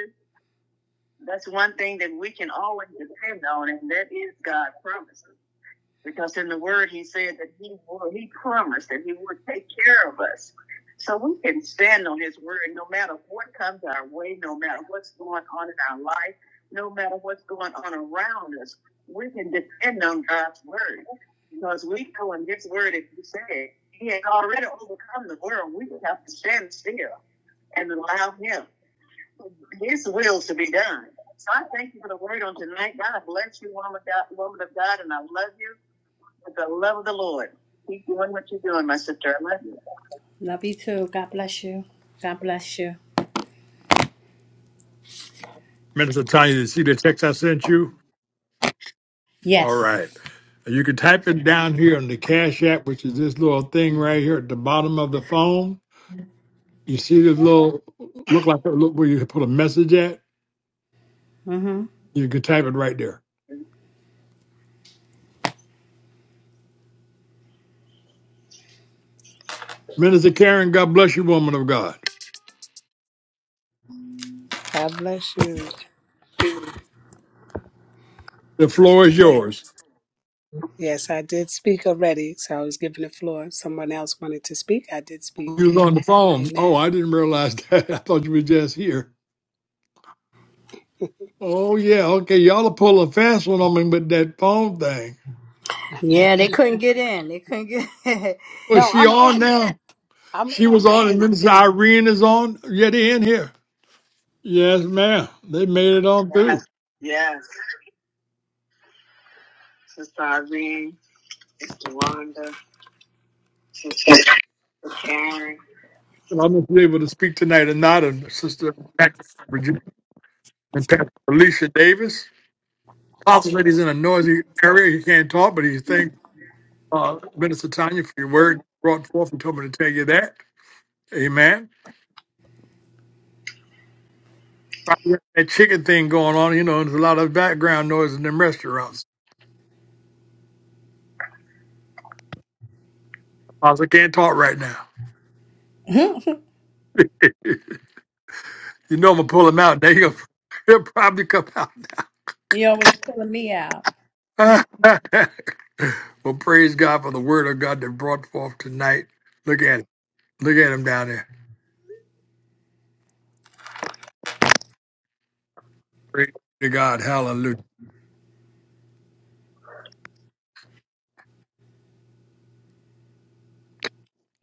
B: That's one thing that we can always depend on, and that is God's promises. Because in the Word, He said that He would, He promised that He would take care of us. So we can stand on His Word no matter what comes our way, no matter what's going on in our life, no matter what's going on around us. We can depend on God's Word because we know in His Word, if He said He has already overcome the world, we have to stand still and allow Him. His will to be done. So I thank you for the word on tonight. God bless you, woman of God, woman of God, and I love you with the love of the Lord. Keep doing what you're doing, my sister. I love you. Love you too. God bless you. God bless you.
A: Minister Tanya, you see the text I sent you?
B: Yes.
A: All right. You can type it down here on the Cash App, which is this little thing right here at the bottom of the phone. You see this little, look like look where you put a message at?
B: Mm-hmm.
A: You can type it right there. Minister Karen, God bless you, woman of God.
E: God bless you.
A: The floor is
E: Yeah.
A: yours.
E: Yes, I did speak already, so I was given the floor. Someone else wanted to speak. I did speak.
A: You was on the phone. Oh,
E: Amen.
A: I didn't realize that. I thought you were just here. Oh yeah, okay. Y'all are pulling a fast one on me with that phone thing.
B: Yeah, they couldn't get in. They couldn't get.
A: Was
E: No,
A: she
E: I'm
A: on
E: in.
A: now?
E: I'm
A: She was
E: in. I've
A: on, and
E: been
A: then
E: in.
A: Irene is on. Yet in here. Yes, ma'am. They made it on
B: Yes,
A: through.
B: yes. Sister Irene, Sister Wanda, Sister Karen.
A: So I'm gonna be able to speak tonight, and not a sister Virginia and Pastor Alicia Davis. Pastor lady's in a noisy area. He can't talk, but he thinks uh, Minister Tanya for your word brought forth and told me to tell you that. Amen. Probably got That chicken thing going on, you know, there's a lot of background noise in them restaurants. I was like, can't talk right now.
B: Mhm.
A: You know, I'm gonna pull him out. There you go. He'll probably come out.
B: You're always pulling me out.
A: well, praise God for the word of God that brought forth tonight. Look at it. Look at him down there. Praise to God. Hallelujah.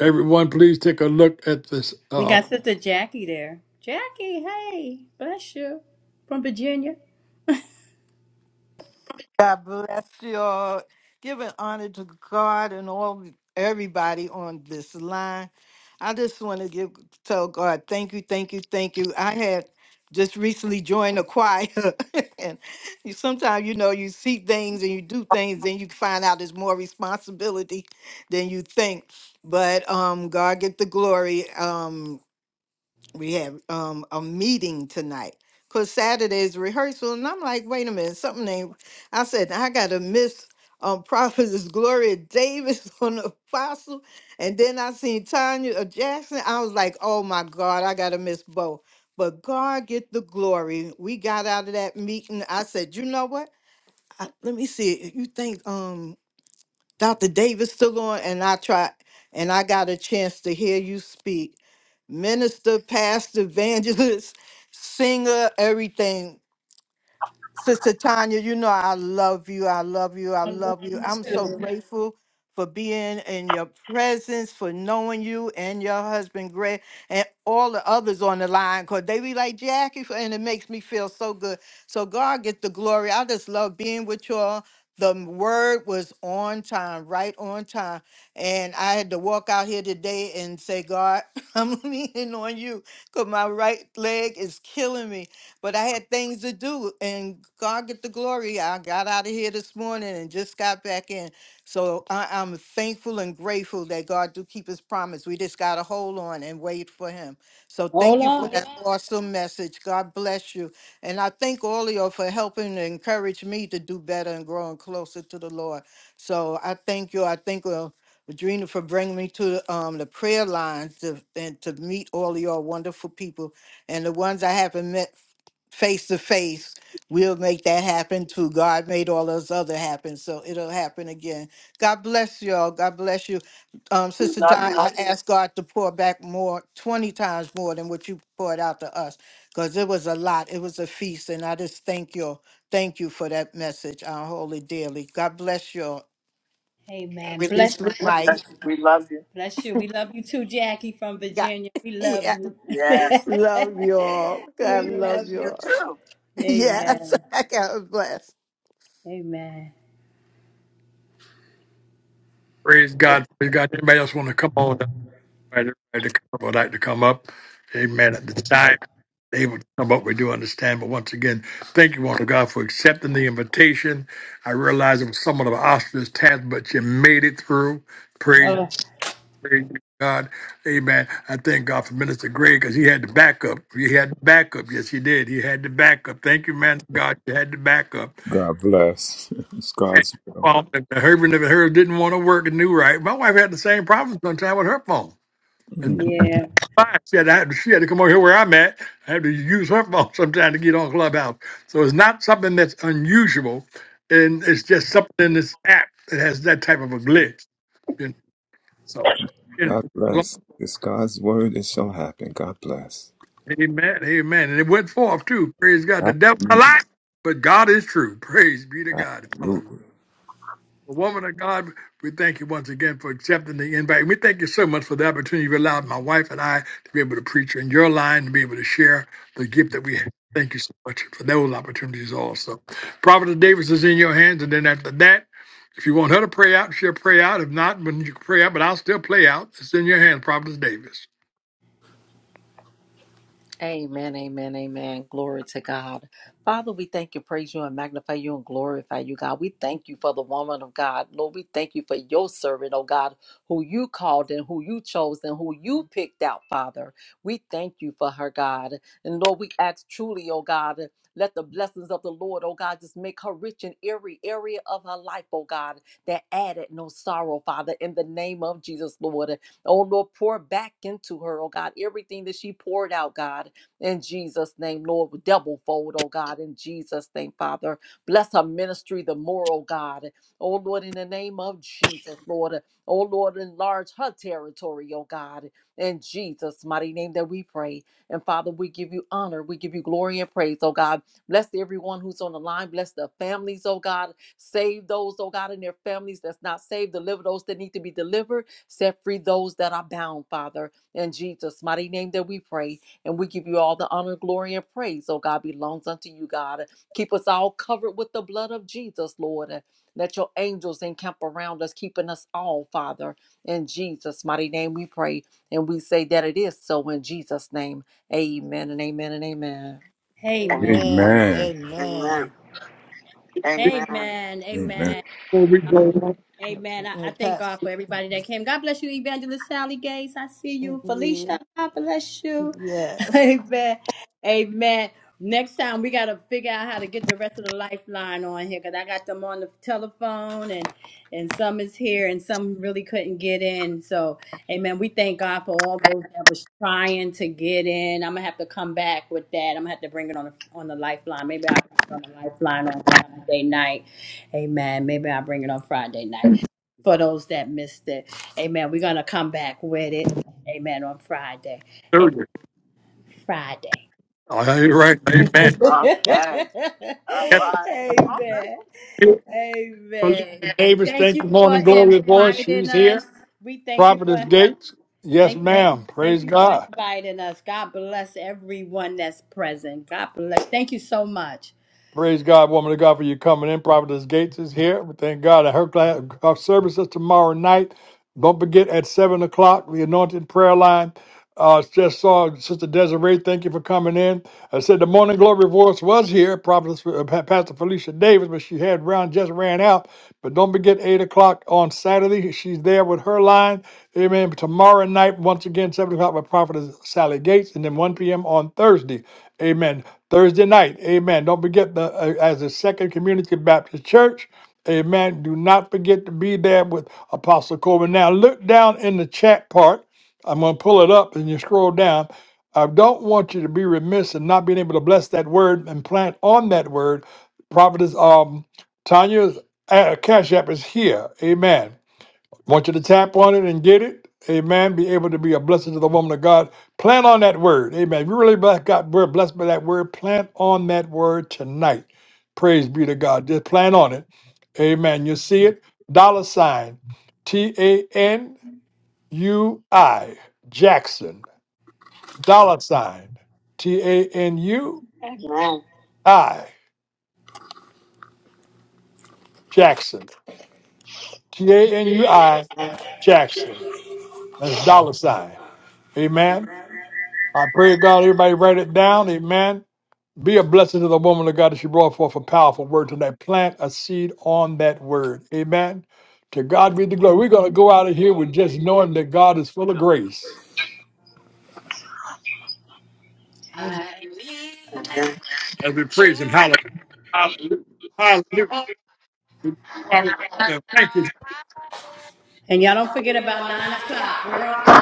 A: Everyone, please take a look at this.
B: You
A: Uh,
B: got Sister Jackie there. Jackie, hey, bless you. From Virginia.
H: God bless you all. Giving honor to God and all everybody on this line. I just want to give tell God thank you, thank you, thank you. I had just recently joined a choir, and you, sometimes you know you see things and you do things, then you find out there's more responsibility than you think. But um, God get the glory. Um, we have um a meeting tonight because Saturday's rehearsal, and I'm like, wait a minute, something ain't. I said I gotta miss um prophetess Gloria Davis on the apostle, and then I seen Tanya uh, Jackson. I was like, oh my God, I gotta miss both. But God get the glory. We got out of that meeting. I said, you know what? I, let me see. You think um Dr. Davis still on, and I try, and I got a chance to hear you speak. Minister, pastor, evangelist, singer, everything. Sister Tanya, you know I love you. I love you. I love you. I'm so grateful for being in your presence, for knowing you and your husband Greg and all the others on the line because they be like Jackie f- and it makes me feel so good. So God get the glory. I just love being with y'all. The m- word was on time, right on time. And I had to walk out here today and say, God, I'm leaning on you because my right leg is killing me but I had things to do and God get the glory. I got out of here this morning and just got back in. So I, I'm thankful and grateful that God do keep his promise. We just gotta hold on and wait for him. So thank you for
B: Hola.
H: that Amen. awesome message. God bless you. And I thank all of you for helping to encourage me to do better and growing closer to the Lord. So I thank you. I thank uh, Adrena for bringing me to um, the prayer line to, and to meet all of all wonderful people and the ones I haven't met face to face. We'll make that happen too. God made all those other happen, so it'll happen again. God bless y'all. God bless you, um,
B: We
H: Sister
B: love
H: Di.
B: you.
H: I ask God to pour back more, twenty times more than what you poured out to us, because it was a lot. It was a feast, and I just thank you, thank you for that message. I holy dearly. God bless y'all.
B: Hey,
H: I
B: man,
H: Amen.
B: bless
H: Release
B: you.
H: my mic.
B: Bless you. We love you. Bless you. We love you too, Jackie from
H: God,
B: Virginia. We love
H: yeah,
B: you. Yes.
H: love y'all. God
B: we We love
H: love
B: miss you you.
H: y'all.
B: too.
H: Yes,
B: Amen.
H: God bless.
B: Amen.
A: praise
B: Yes.
A: God. Praise God. Anybody else want to come on? Everybody that come- would like to come up. Amen. At the time they would come up, we do understand. But once again, thank you, Lord God, for accepting the invitation. I realize it was somewhat of an ostrich task, but you made it through. Praise,
B: Oh,
A: praise be to God. Amen. I thank God for Minister Gray because he had the backup. He had the backup. Yes, he did. He had the backup. Thank you, man. of God, you had the backup.
C: God bless. It's God's will.
A: Well, if the Herbert never heard didn't want to work and knew right. My wife had the same problem sometimes with her phone.
C: Mm-hmm.
B: yeah.
A: She had, to, have- she had to come over here where I'm at. I had to use her phone sometime to get on Clubhouse. So it's not something that's unusual, and it's just something in this app that has that type of a glitch. you know. So, yeah.
C: God
A: Lord,
C: bless. It's God's word. It shall happen. God bless.
A: amen, amen. And it went forth too. Praise God. The devil's a
C: Absolutely.
A: lie, but God is true. Praise be to God.
C: Absolutely.
A: Well, woman of God, we thank you once again for accepting the invite. We thank you so much for the opportunity you've allowed my wife and I to be able to preach in your line and be able to share the gift that we have. Thank you so much for those opportunities also. Prophet Davis is in your hands, and then after that, if you want her to pray out, she'll pray out. If not, then you can pray out, but I'll still play out. It's in your hands, Prophet Davis.
F: Amen, amen, amen. Glory to God. Father, we thank you, praise you, and magnify you and glorify you, God. We thank you for the woman of God. Lord, we thank you for your servant, oh God, who you called and who you chose and who you picked out, Father. We thank you for her, God. And Lord, we ask truly, oh God, let the blessings of the Lord, oh God, just make her rich in every area of her life, oh God, that added no sorrow, Father, in the name of Jesus, Lord. Oh Lord, pour back into her, oh God, everything that she poured out, God in Jesus' name, Lord, with double fold, oh God, in Jesus' name, Father. Bless her ministry, the moral God. Oh Lord, in the name of Jesus, Lord. Oh Lord, enlarge her territory, oh God, in Jesus' mighty name that we pray. And Father, we give you honor, we give you glory and praise, oh God. Bless everyone who's on the line, bless the families, oh God. Save those, oh God, and their families that's not saved. Deliver those that need to be delivered. Set free those that are bound, Father. In Jesus' mighty name that we pray. And we give you all the honor, glory, and praise, oh God, belongs unto you, God. Keep us all covered with the blood of Jesus, Lord. And Let your angels encamp around us, keeping us all, Father. In Jesus' mighty name we pray. And we say that it is so in Jesus' name. Amen and amen and amen.
B: Amen. Amen.
H: Amen.
C: Amen.
B: Amen.
H: Amen.
B: Amen. Amen. Amen.
C: Amen.
A: Before we go,
B: Amen. I,
H: Uh,
B: I thank God
H: Pastor.
B: for everybody that came. God bless you, Evangelist Sally Gates. I see you.
H: Yeah.
B: Felicia, God bless you.
H: Yes.
B: Amen. Amen. Next time we gotta figure out how to get the rest of the lifeline on here because I got them on the telephone and and some is here and some really couldn't get in. So amen. We thank God for all those that was trying to get in. I'm gonna have to come back with that. I'm gonna have to bring it on the on the lifeline. Maybe I'll bring it on the lifeline on Friday night Amen. Maybe I'll bring it on Friday night for those that missed it. Amen. We're going to come back with it. Amen. On Friday. Amen. Friday.
A: all right, right. amen.
B: Okay. All right. Amen.
A: Felicia
B: Amen.
A: Davis,
B: Thank
A: thank you,
B: you for
A: morning, glory voice.
B: inviting
A: She's here.
B: us. We thank you
A: Prophetess
B: for
A: Gates, yes,
B: thank
A: ma'am.
B: thank
A: Praise
B: you for
A: God.
B: inviting us. God bless everyone that's present. God bless. Thank you so much.
A: Praise God, woman of God, for you coming in. Prophetess Gates is here. We thank God. And her, class, her service is tomorrow night. Don't forget at 7 o'clock, the anointed prayer line. Uh, just saw Sister Desiree. Thank you for coming in. I said the morning glory voice was here, Prophetess uh, Pa- Pastor Felicia Davis, but she had round just ran out. But don't forget 8 o'clock on Saturday. She's there with her line. Amen. Tomorrow night, once again, 7 o'clock with Prophetess Sally Gates, and then 1 p.m. on Thursday. Amen. Thursday night, amen. Don't forget the uh, as a Second Community Baptist Church, amen. Do not forget to be there with Apostle Coleman. Now look down in the chat part. I'm going to pull it up and you scroll down. I don't want you to be remiss and not being able to bless that word and plant on that word. Prophetess um, Tanya's uh, Cash App is here. Amen. Want you to tap on it and get it. Amen. Be able to be a blessing to the woman of God. Plan on that word. Amen. If you really bless God, we're blessed by that word. Plan on that word tonight. Praise be to God. Just plan on it. Amen. You see it? Dollar sign. T A N U I Jackson. Dollar sign. T A N U
B: Amen.
A: I Jackson. T A N U I Jackson. That's dollar sign. Amen. I pray God, everybody write it down. Amen. Be a blessing to the woman of God that she brought forth a powerful word tonight. Plant a seed on that word. Amen. To God be the glory. We're going to go out of here with just knowing that God is full of grace.
B: Amen. Amen.
A: And we praise Him. Hallelujah. Hallelujah. Hallelujah. Thank
B: And y'all don't forget about nine o'clock. We're on at nine.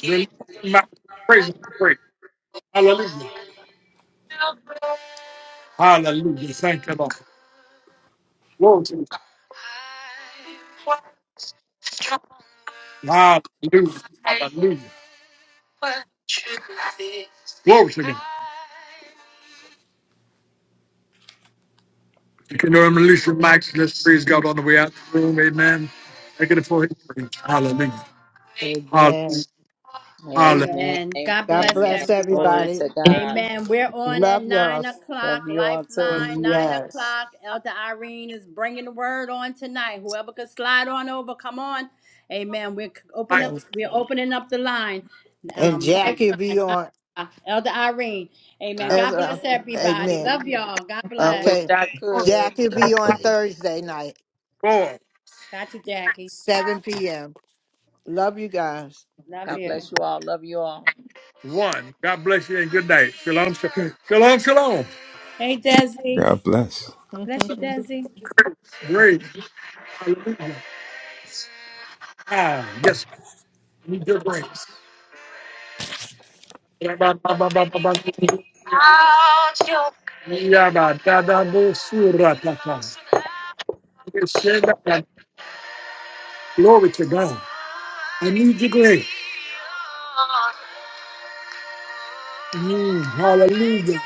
A: you. Hallelujah. Praise Him. Praise. Hallelujah. Hallelujah. Thank you, Lord. Glory to God. Hallelujah. Glory to God. You can um, release your mics. Let's praise God on the way out the room. Amen. Make it a full praise. Hallelujah.
H: Amen.
A: Holla.
F: Amen.
B: Amen.
F: Amen.
B: God
H: God
B: bless
F: Amen.
H: bless
F: Glory
B: everyone.
H: everybody.
F: to God.
B: Amen. We're on at
H: Love
B: nine
H: y'all.
B: o'clock,
F: Love you all too.
B: Lifeline, nine
H: Yes.
B: o'clock. Elder Irene is bringing the word on tonight. Whoever could slide on over, come on. Amen. We're c- open up.
H: And,
B: We're opening up the line.
H: and
B: Um,
H: Jackie
B: Lifeline,
H: be on.
B: uh, Elder Irene. Amen.
F: I,
H: As,
B: God
H: uh,
B: bless everybody.
H: amen.
B: Love y'all. God
F: I
B: bless.
F: wish
H: Okay.
F: I could.
H: Jackie be on Thursday night,
A: Four,
B: Got you, Jackie.
H: 7 p.m. Love you guys.
B: Love
F: God
B: you.
F: bless you all. Love you all.
A: one. God bless you and good night. Shalom, shalom. Shalom, shalom.
B: Hey, Desi.
C: God bless.
B: Bless you, Desi.
A: Grace. Hallelujah. Ah, yes. We give grace. Glory to God. I need your grace. Mm, hallelujah.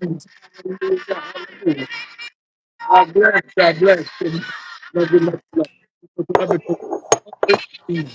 A: Hallelujah. Hallelujah. I bless, I bless. Love you, love you, love you.